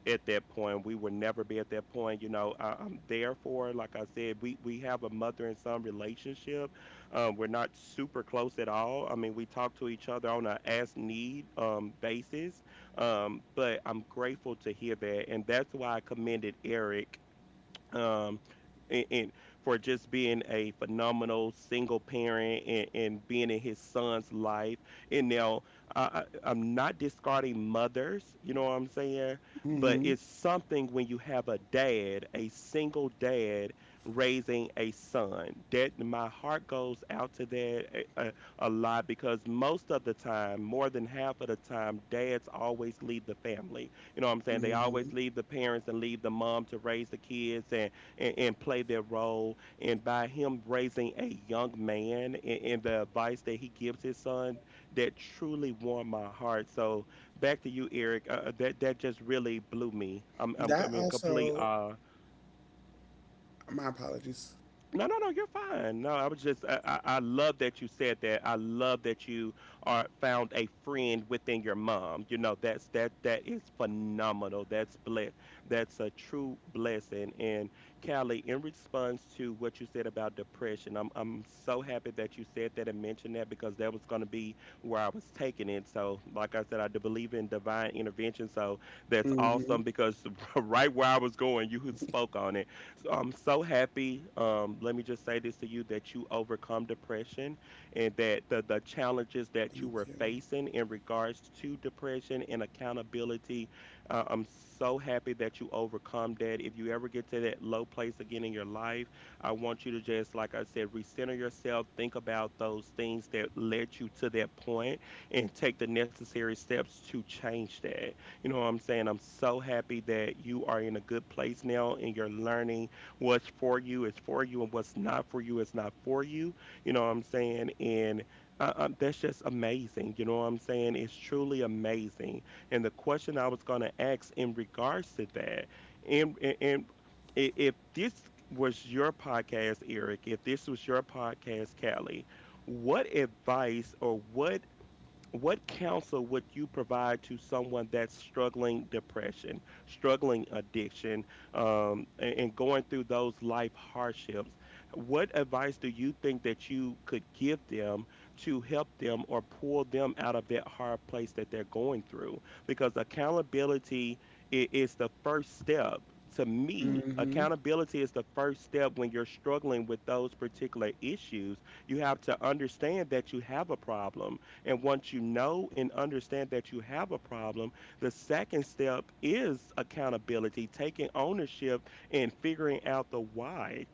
Speaker 1: at that point. We will never be at that point. You know, I'm there for her. Like I said, we have a mother and son relationship. We're not super close at all. I mean, we talk to each other on a as need basis. But I'm grateful to hear that, and that's why I commended Eric, um, and for just being a phenomenal single parent and being in his son's life. And now, I, I- I'm not discarding mothers, you know what I'm saying? But
Speaker 3: Hmm.
Speaker 1: it's something when you have a dad, a single dad raising a son. That my heart goes out to that a, a, a lot because most of the time, more than half of the time, dads always lead the family, you know what I'm saying? They always
Speaker 3: Hmm.
Speaker 1: leave the parents and leave the mom to raise the kids, and play their role. And by him raising a young man, and the advice that he gives his son, that truly warmed my heart. So back to you, Eric. That that just really blew me. I'm
Speaker 3: That
Speaker 1: I'm in complete
Speaker 3: also.
Speaker 1: awe.
Speaker 3: My apologies.
Speaker 1: No, no, no. You're fine. No, I was just. I love that you said that. I love that you are found a friend within your mom. You know, that's that. That is phenomenal. That's bless. That's a true blessing. And Callie, in response to what you said about depression, I'm so happy that you said that and mentioned that because that was going to be where I was taking it. So, like I said, I do believe in divine intervention. So that's
Speaker 3: Hmm.
Speaker 1: awesome because right where I was going, you spoke on it. So I'm so happy. Let me just say this to you that you overcome depression and that the challenges that you
Speaker 3: Thank
Speaker 1: were
Speaker 3: you.
Speaker 1: facing in regards to depression and accountability. I'm so happy that you overcome that. If you ever get to that low place again in your life, I want you to just, like I said, recenter yourself, think about those things that led you to that point, and take the necessary steps to change that. You know what I'm saying? I'm so happy that you are in a good place now and you're learning. What's for you is for you, and what's not for you is not for you. You know what I'm saying? And that's just amazing. You know what I'm saying? It's truly amazing. And the question I was going to ask in regards to that, and, and, and if this was your podcast, Eric, if this was your podcast, Callie, what advice or what counsel would you provide to someone that's struggling depression, struggling addiction, and going through those life hardships? What advice do you think that you could give them to help them or pull them out of that hard place that they're going through? Because accountability is the first step. To me,
Speaker 3: Hmm.
Speaker 1: accountability is the first step when you're struggling with those particular issues. You have to understand that you have a problem, and once you know and understand that you have a problem, the second step is accountability, taking ownership and figuring out the why.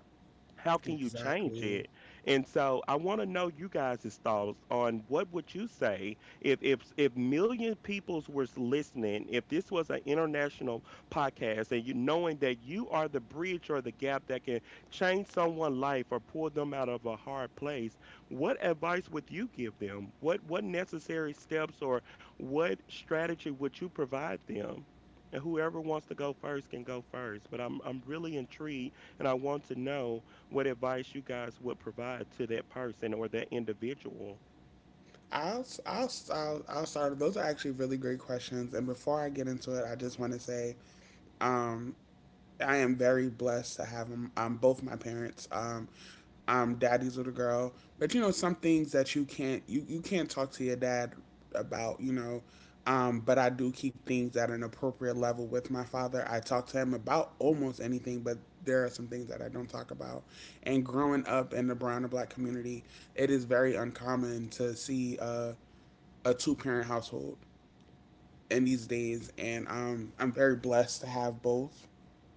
Speaker 1: How can you change
Speaker 3: Exactly.
Speaker 1: it? And so I want to know you guys' thoughts on what would you say if million peoples were listening, if this was an international podcast and you knowing that you are the bridge or the gap that can change someone's life or pull them out of a hard place, what advice would you give them? What necessary steps or what strategy would you provide them? And whoever wants to go first can go first. But I'm really intrigued and I want to know what advice you guys would provide to that person or that individual.
Speaker 3: I'll start. Those are actually really great questions. And before I get into it, I just want to say um, I am very blessed to have them, both my parents. I'm daddy's little girl. But, you know, some things that you can't, you can't talk to your dad about, you know. But I do keep things at an appropriate level with my father. I talk to him about almost anything, but there are some things that I don't talk about. And growing up in the brown and black community, it is very uncommon to see a two parent household in these days, and I'm very blessed to have both.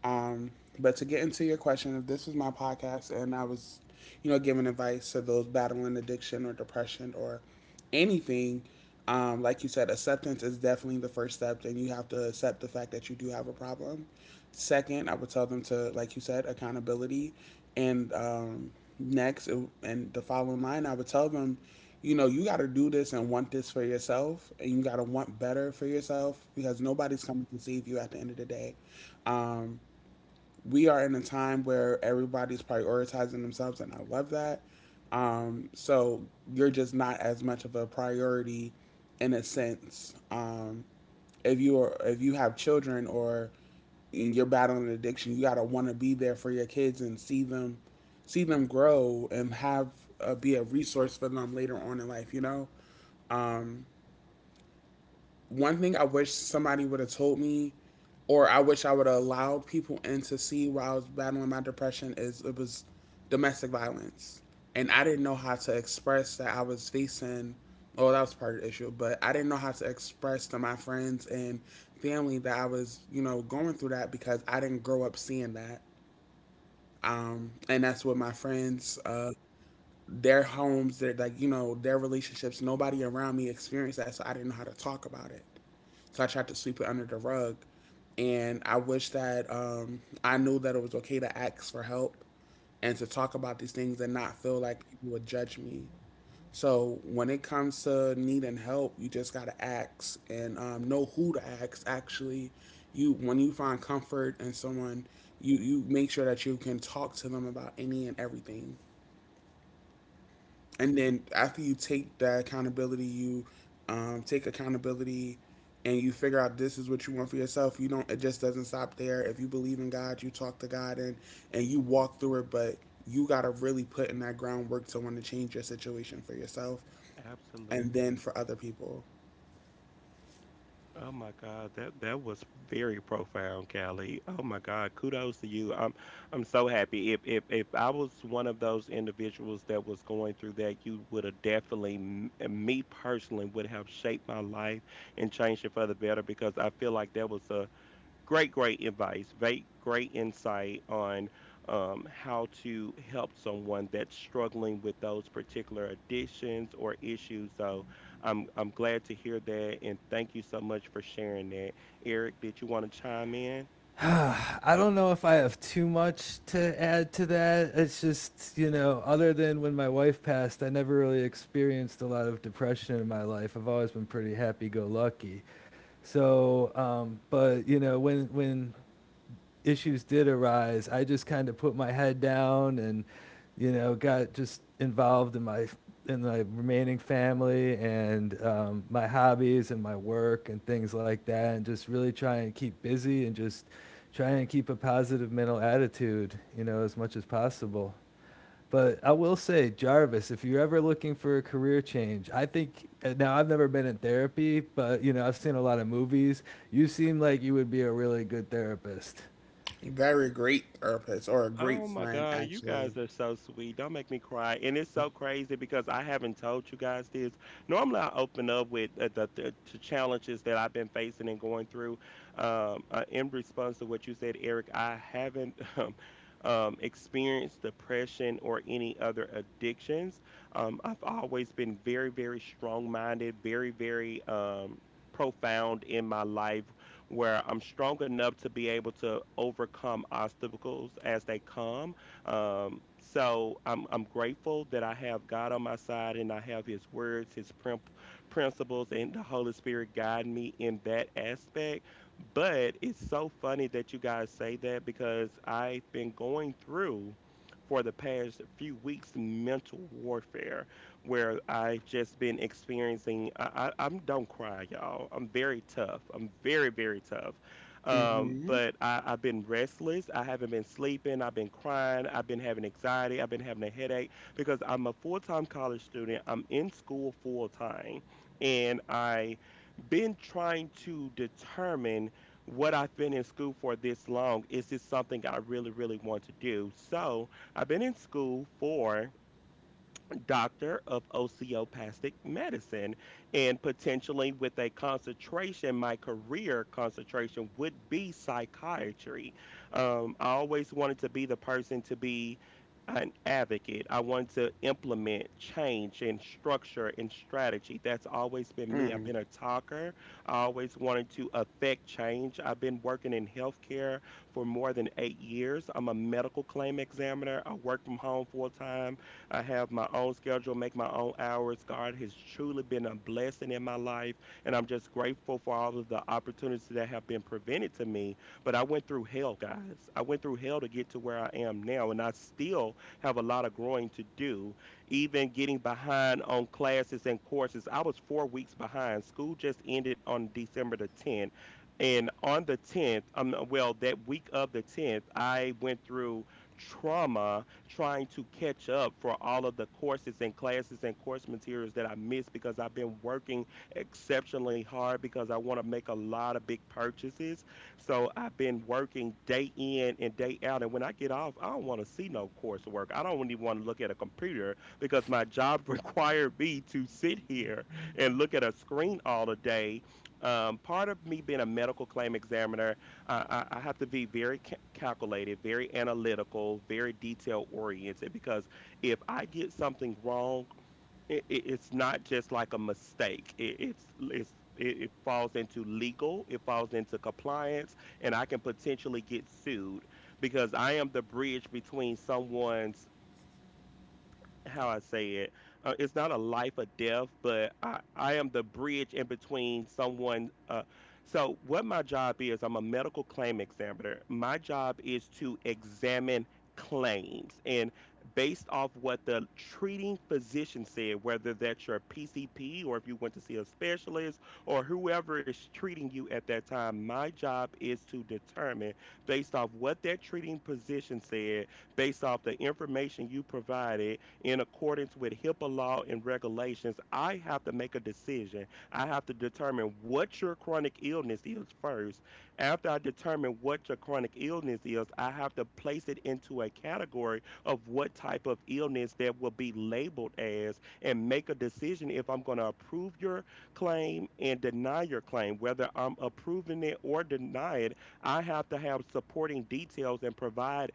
Speaker 3: Um, but to get into your question, if this was my podcast and I was, you know, giving advice to those battling addiction or depression or anything, like you said, acceptance is definitely the first step, and you have to accept the fact that you do have a problem. Second, I would tell them to, like you said, accountability, and next and the following line, I would tell them, you know, you got to do this and want this for yourself, and you got to want better for yourself because nobody's coming to save you at the end of the day. Um, we are in a time where everybody's prioritizing themselves, and I love that. So you're just not as much of a priority in a sense. If you are, if you have children or you're battling an addiction, you gotta want to be there for your kids and see them grow and have be a resource for them later on in life. You know, one thing I wish somebody would have told me, or I wish I would have allowed people in to see while I was battling my depression is it was domestic violence, and I didn't know how to express that I was facing. Oh, that was part of the issue, but I didn't know how to express to my friends and family that I was, you know, going through that because I didn't grow up seeing that. And that's what my friends, their homes, their like, you know, their relationships, nobody around me experienced that, so I didn't know how to talk about it. So I tried to sweep it under the rug. And I wish that I knew that it was okay to ask for help and to talk about these things and not feel like people would judge me. So when it comes to needing help, you just gotta ask and know who to ask. Actually, you when you find comfort in someone, you make sure that you can talk to them about any and everything and then after you take that accountability, you take accountability, and you figure out this is what you want for yourself. You don't. It just doesn't stop there. If you believe in God, you talk to God and you walk through it. But you gotta really put in that groundwork to want to change your situation for yourself and then
Speaker 1: Absolutely.
Speaker 3: for other people.
Speaker 1: Oh my God, that was very profound, Callie. Oh my God, kudos to you. I'm so happy. If I was one of those individuals that was going through that, you would have definitely, me personally, would have shaped my life and changed it for the better because I feel like that was a great, great advice, great, great insight on how to help someone that's struggling with those particular addictions or issues. So I'm glad to hear that, and thank you so much for sharing that. Eric, did you want to chime in?
Speaker 2: I don't know if I have too much to add to that. It's just, you know, other than when my wife passed, I never really experienced a lot of depression in my life. I've always been pretty happy go lucky. So, but you know, when issues did arise, I just kind of put my head down, and you know, got just involved in my remaining family and my hobbies and my work and things like that, and just really try and keep busy and just try and keep a positive mental attitude, you know, as much as possible. But I will say, Jarvis, if you're ever looking for a career change, I think now I've never been in therapy, but you know, I've seen a lot of movies. You seem like you would be a really good therapist.
Speaker 3: Very great therapist or a great
Speaker 1: Oh my
Speaker 3: friend,
Speaker 1: God, you
Speaker 3: actually.
Speaker 1: guys are so sweet. Don't make me cry. And it's so crazy because I haven't told you guys this. Normally, I open up with the challenges that I've been facing and going through. In response to what you said, Eric, I haven't experienced depression or any other addictions. I've always been very, very strong minded, very, very profound in my life where I'm strong enough to be able to overcome obstacles as they come. So I'm grateful that I have God on my side and I have His words, His principles, and the Holy Spirit guide me in that aspect. But it's so funny that you guys say that because I've been going through for the past few weeks mental warfare where I've just been experiencing. I'm don't cry, y'all. I'm very tough. I'm very very tough.
Speaker 3: Mm-hmm.
Speaker 1: I've been restless. I haven't been sleeping. I've been crying. I've been having anxiety. I've been having a headache because I'm a full time college student. I'm in school full time, and I been trying to determine what I've been in school for this long. Is this something I really, really want to do? So I've been in school for doctor of osteopathic medicine and potentially with a concentration, my career concentration would be psychiatry. I always wanted to be the person to be an advocate. I wanted to implement change and structure and strategy. That's always been me. I've
Speaker 3: Mm.
Speaker 1: been a talker. I always wanted to affect change. I've been working in healthcare for more than 8 years. I'm a medical claim examiner. I work from home full-time. I have my own schedule, make my own hours. God has truly been a blessing in my life, and I'm just grateful for all of the opportunities that have been presented to me. But I went through hell, guys. I went through hell to get to where I am now, and I still have a lot of growing to do. Even getting behind on classes and courses, I was 4 weeks behind. School just ended on December the 10th. And on the 10th, well, that week of the 10th, I went through trauma trying to catch up for all of the courses and classes and course materials that I missed because I've been working exceptionally hard because I want to make a lot of big purchases. So I've been working day in and day out. And when I get off, I don't want to see no coursework. I don't even want to look at a computer because my job required me to sit here and look at a screen all the day. Part of me being a medical claim examiner, I have to be very calculated, very analytical, very detail oriented because if I get something wrong, it's not just like a mistake. It falls into legal, it falls into compliance, and I can potentially get sued because I am the bridge between someone's, how I say it. It's not a life or death, but I am the bridge in between someone. So, what my job is, I'm a medical claim examiner. My job is to examine claims and based off what the treating physician said, whether that's your PCP or if you went to see a specialist or whoever is treating you at that time, my job is to determine based off what that treating physician said, based off the information you provided in accordance with HIPAA law and regulations, I have to make a decision. I have to determine what your chronic illness is first. After I determine what your chronic illness is, I have to place it into a category of what type of illness that will be labeled as and make a decision if I'm going to approve your claim and deny your claim. Whether I'm approving it or denying it, I have to have supporting details and provide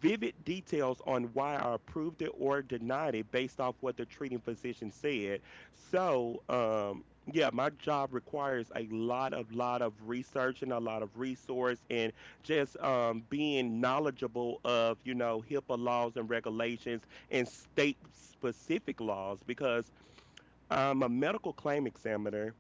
Speaker 1: vivid details on why I approved it or denied it based off what the treating physician said. So, yeah, my job requires a lot of research and a lot of resource and just being knowledgeable of you know HIPAA laws and regulations and state specific laws because I'm a medical claim examiner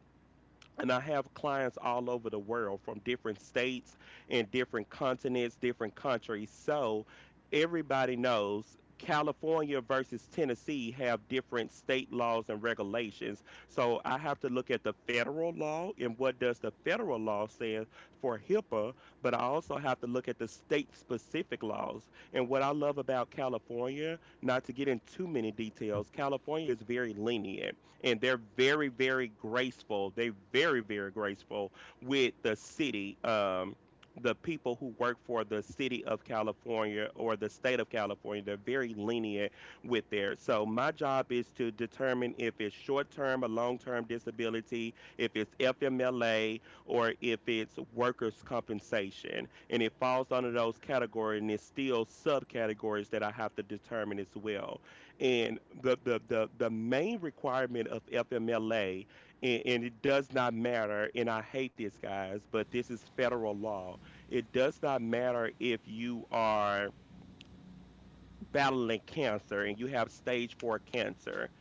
Speaker 1: and I have clients all over the world from different states and different continents, different countries. So everybody knows California versus Tennessee have different state laws and regulations. So I have to look at the federal law and what does the federal law say for HIPAA, but I also have to look at the state specific laws. And what I love about California, not to get into too many details, California is very lenient and they're very very graceful, they very very graceful with the city, the people who work for the city of California or the state of California, they're very lenient with their. So, my job is to determine if it's short term or long term disability, if it's FMLA, or if it's workers' compensation. And it falls under those categories, and it's still subcategories that I have to determine as well. And the main requirement of FMLA, and it does not matter, and I hate this guys, but this is federal law. It does not matter if you are battling cancer and you have stage four cancer.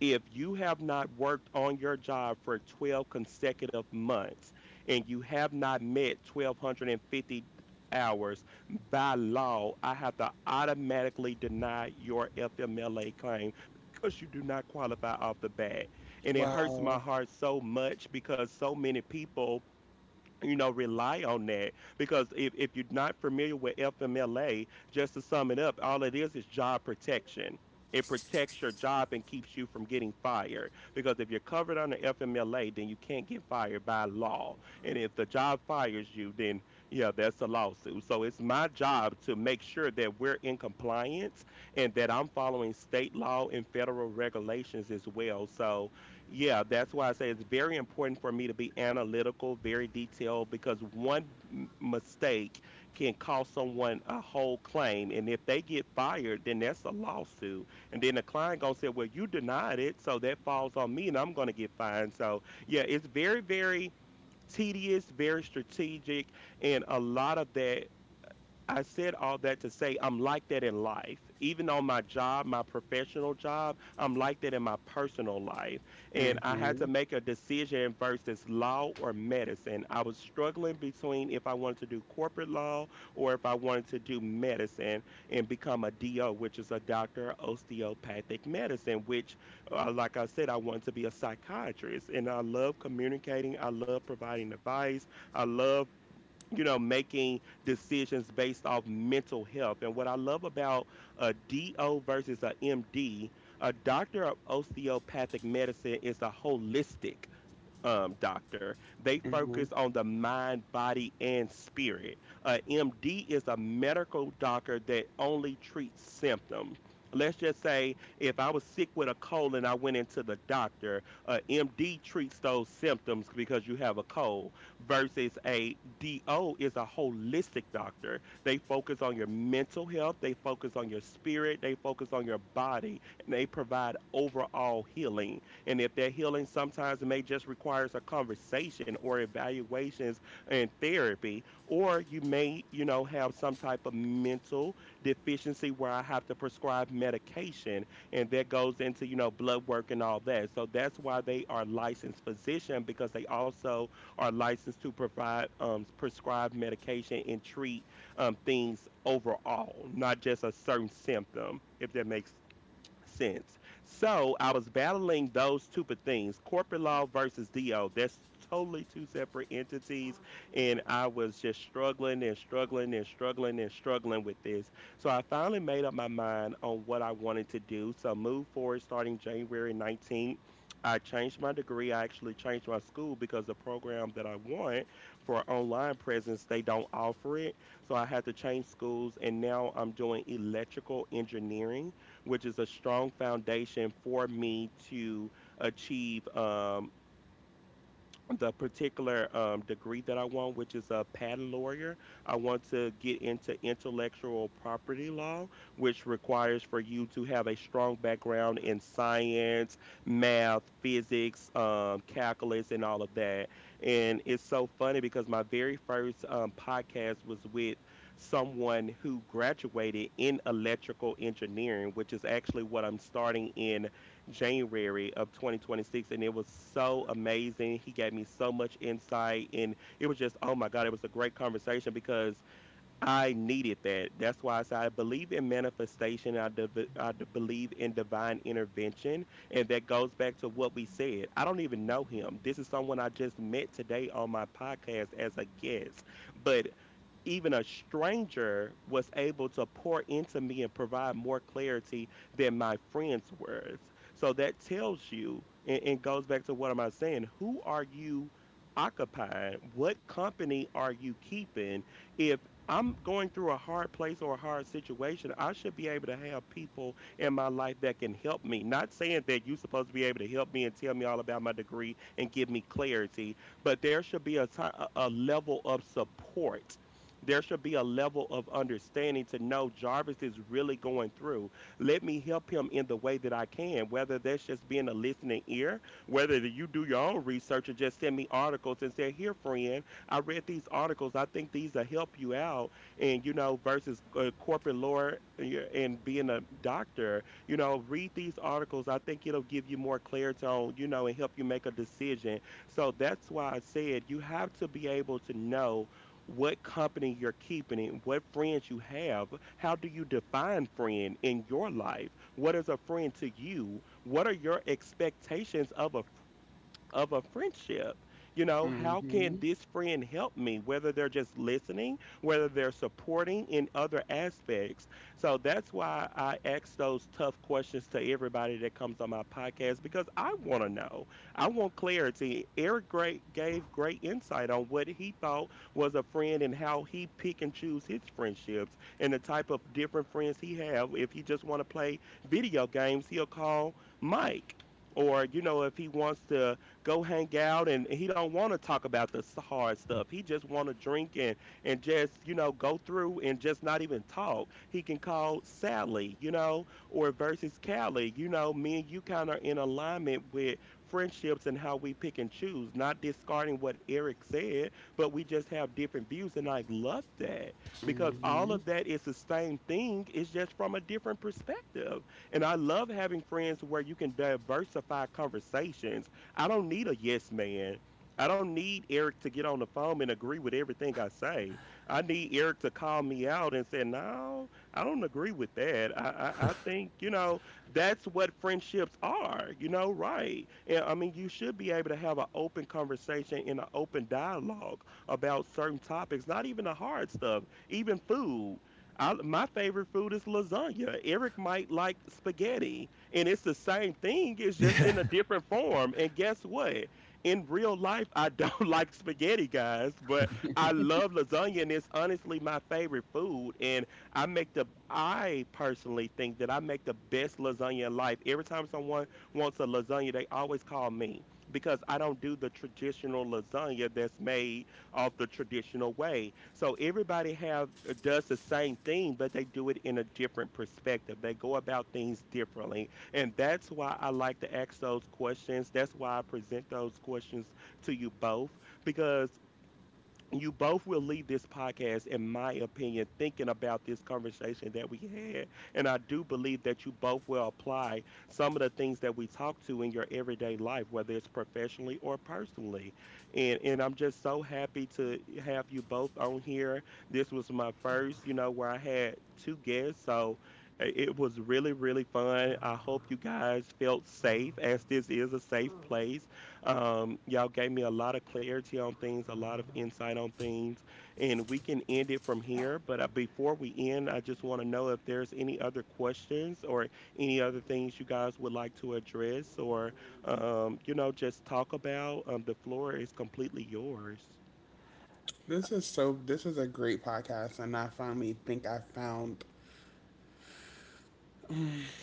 Speaker 1: If you have not worked on your job for 12 consecutive months and you have not met 1250 hours, by law I have to automatically deny your FMLA claim because you do not qualify off the bat. And it hurts my
Speaker 3: Wow.
Speaker 1: heart so much because so many people, you know, rely on that because if you're not familiar with FMLA, just to sum it up, all it is job protection. It protects your job and keeps you from getting fired because if you're covered under FMLA, then you can't get fired by law. And if the job fires you, then yeah, that's a lawsuit. So it's my job to make sure that we're in compliance and that I'm following state law and federal regulations as well. So yeah, that's why I say it's very important for me to be analytical, very detailed, because one mistake can cost someone a whole claim. And if they get fired, then that's a lawsuit. And then the client gonna say, "Well, you denied it, so that falls on me, and I'm gonna get fined." So yeah, it's very, very tedious, very strategic, and a lot of that. I said all that to say I'm like that in life. Even on my job, my professional job, I'm like that in my personal life. And I had to
Speaker 3: Mm-hmm.
Speaker 1: make a decision versus law or medicine. I was struggling between if I wanted to do corporate law or if I wanted to do medicine and become a DO, which is a doctor of osteopathic medicine, which, like I said, I wanted to be a psychiatrist. And I love communicating, I love providing advice, I love you know, making decisions based off mental health. And what I love about a DO versus a MD, a doctor of osteopathic medicine is a holistic doctor. They
Speaker 3: Mm-hmm.
Speaker 1: focus on the mind, body, and spirit. A MD is a medical doctor that only treats symptoms. Let's just say if I was sick with a cold and I went into the doctor, a MD treats those symptoms because you have a cold, versus a DO is a holistic doctor. They focus on your mental health, they focus on your spirit, they focus on your body, and they provide overall healing. And if that healing sometimes may just requires a conversation or evaluations and therapy, or you may, have some type of mental deficiency where I have to prescribe medication, and that goes into, blood work and all that. So that's why they are licensed physician, because they also are licensed to provide prescribe medication and treat things overall, not just a certain symptom, if that makes sense. So I was battling those things, corporate law versus DO. That's totally two separate entities. And I was just struggling and struggling and struggling and struggling with this. So I finally made up my mind on what I wanted to do. So move forward starting January 19th. I changed my degree. I actually changed my school because the program that I want for online presence, they don't offer it. So I had to change schools, and now I'm doing electrical engineering, which is a strong foundation for me to achieve the particular degree that I want, which is a patent lawyer. I want to get into intellectual property law, which requires for you to have a strong background in science, math, physics, calculus, and all of that. And it's so funny because my very first podcast was with someone who graduated in electrical engineering, which is actually what I'm starting in January of 2026, and it was so amazing. He gave me so much insight, and it was just, oh my God, it was a great conversation because I needed that. That's why I said I believe in manifestation. I believe in divine intervention, and that goes back to what we said. I don't even know him. This is someone I just met today on my podcast as a guest, but even a stranger was able to pour into me and provide more clarity than my friend's words. So that tells you and goes back to what am I saying? Who are you occupying? What company are you keeping? If I'm going through a hard place or a hard situation, I should be able to have people in my life that can help me. Not saying that you're supposed to be able to help me and tell me all about my degree and give me clarity, but there should be a, ti- a level of support. There should be a level of understanding to know Jarvis is really going through. Let me help him in the way that I can, whether that's just being a listening ear, whether you do your own research and just send me articles and say, "Here, friend, I read these articles. I think these will help you out." And, you know, versus corporate lore, yeah, and being a doctor, you know, read these articles. I think it'll give you more clarity on, you know, and help you make a decision. So that's why I said you have to be able to know what company you're keeping and what friends you have. How do you define friend in your life? What is a friend to you? What are your expectations of a friendship? You know, how
Speaker 3: Mm-hmm.
Speaker 1: can this friend help me? Whether they're just listening, whether they're supporting in other aspects. So that's why I ask those tough questions to everybody that comes on my podcast, because I want to know. I want clarity. Eric great gave great insight on what he thought was a friend and how he pick and choose his friendships and the type of different friends he have. If he just want to play video games, he'll call Mike. Or, you know, if he wants to go hang out and he don't want to talk about the hard stuff. He just want to drink and just, you know, go through and just not even talk. He can call Sally, you know, or versus Callie, you know, me and you kind of in alignment with friendships and how we pick and choose, not discarding what Eric said, but we just have different views, and I love that because all
Speaker 3: Mm-hmm.
Speaker 1: of that is the same thing. It's just from a different perspective. And I love having friends where you can diversify conversations. I don't need a yes man. I don't need Eric to get on the phone and agree with everything I say. I need Eric to call me out and say, "No, I don't agree with that. I think you know that's what friendships are." You know, right? And I mean, you should be able to have an open conversation and an open dialogue about certain topics. Not even the hard stuff, even food. I, my favorite food is lasagna. Eric might like spaghetti. And it's the same thing, it's just
Speaker 2: Yeah.
Speaker 1: in a different form. And guess what? In real life, I don't like spaghetti, guys, but I love lasagna, and it's honestly my favorite food. And I make the I personally think that I make the best lasagna in life. Every time someone wants a lasagna, they always call me because I don't do the traditional lasagna that's made off the traditional way. So everybody have does the same thing, but they do it in a different perspective. They go about things differently. And that's why I like to ask those questions. That's why I present those questions to you both, because you both will leave this podcast, in my opinion, thinking about this conversation that we had. And I do believe that you both will apply some of the things that we talk to in your everyday life, whether it's professionally or personally. And I'm just so happy to have you both on here. This was my first, you know, where I had two guests. So it was really, really fun. I hope you guys felt safe, as this is a safe place. Y'all gave me a lot of clarity on things, a lot of insight on things, and we can end it from here. But before we end, I just want to know if there's any other questions or any other things you guys would like to address or, you know, just talk about. The floor is completely yours.
Speaker 3: This is so. This is a great podcast, and I finally think I found.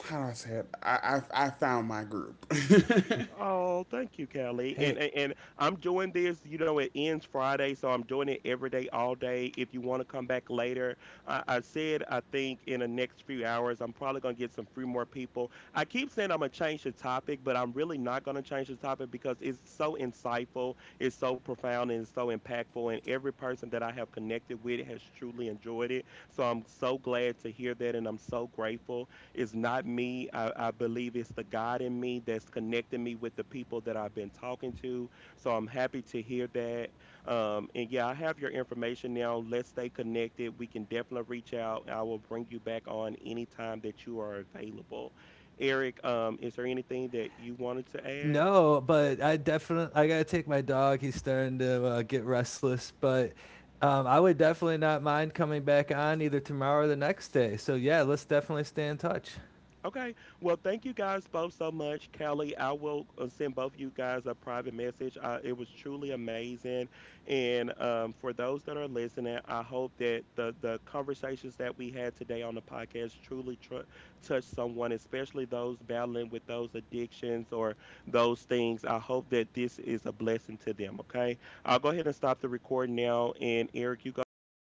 Speaker 3: How do I say it? I found my group.
Speaker 1: Oh, thank you, Kelly. And,
Speaker 2: Hey,
Speaker 1: and and I'm doing this, you know, it ends Friday, so I'm doing it every day, all day. If you want to come back later, I said I think in the next few hours I'm probably gonna get some few more people. I keep saying I'm gonna change the topic, but I'm really not gonna change the topic because it's so insightful, it's so profound, and it's so impactful. And every person that I have connected with has truly enjoyed it. So I'm so glad to hear that, and I'm so grateful. It's not me. I believe it's the God in me that's connecting me with the people that I've been talking to. So I'm happy to hear that. And yeah, I have your information now. Let's stay connected. We can definitely reach out. I will bring you back on anytime that you are available. Eric, is there anything that you wanted to add?
Speaker 2: no, but I definitely I gotta take my dog. He's starting to get restless, but I would definitely not mind coming back on either tomorrow or the next day. So yeah, let's definitely stay in touch.
Speaker 1: Okay. Well, thank you guys both so much. Kelly, I will send both you guys a private message. It was truly amazing. And for those that are listening, I hope that the conversations that we had today on the podcast truly touch someone, especially those battling with those addictions or those things. I hope that this is a blessing to them. Okay. I'll go ahead and stop the recording now. And Eric, you go ahead and take.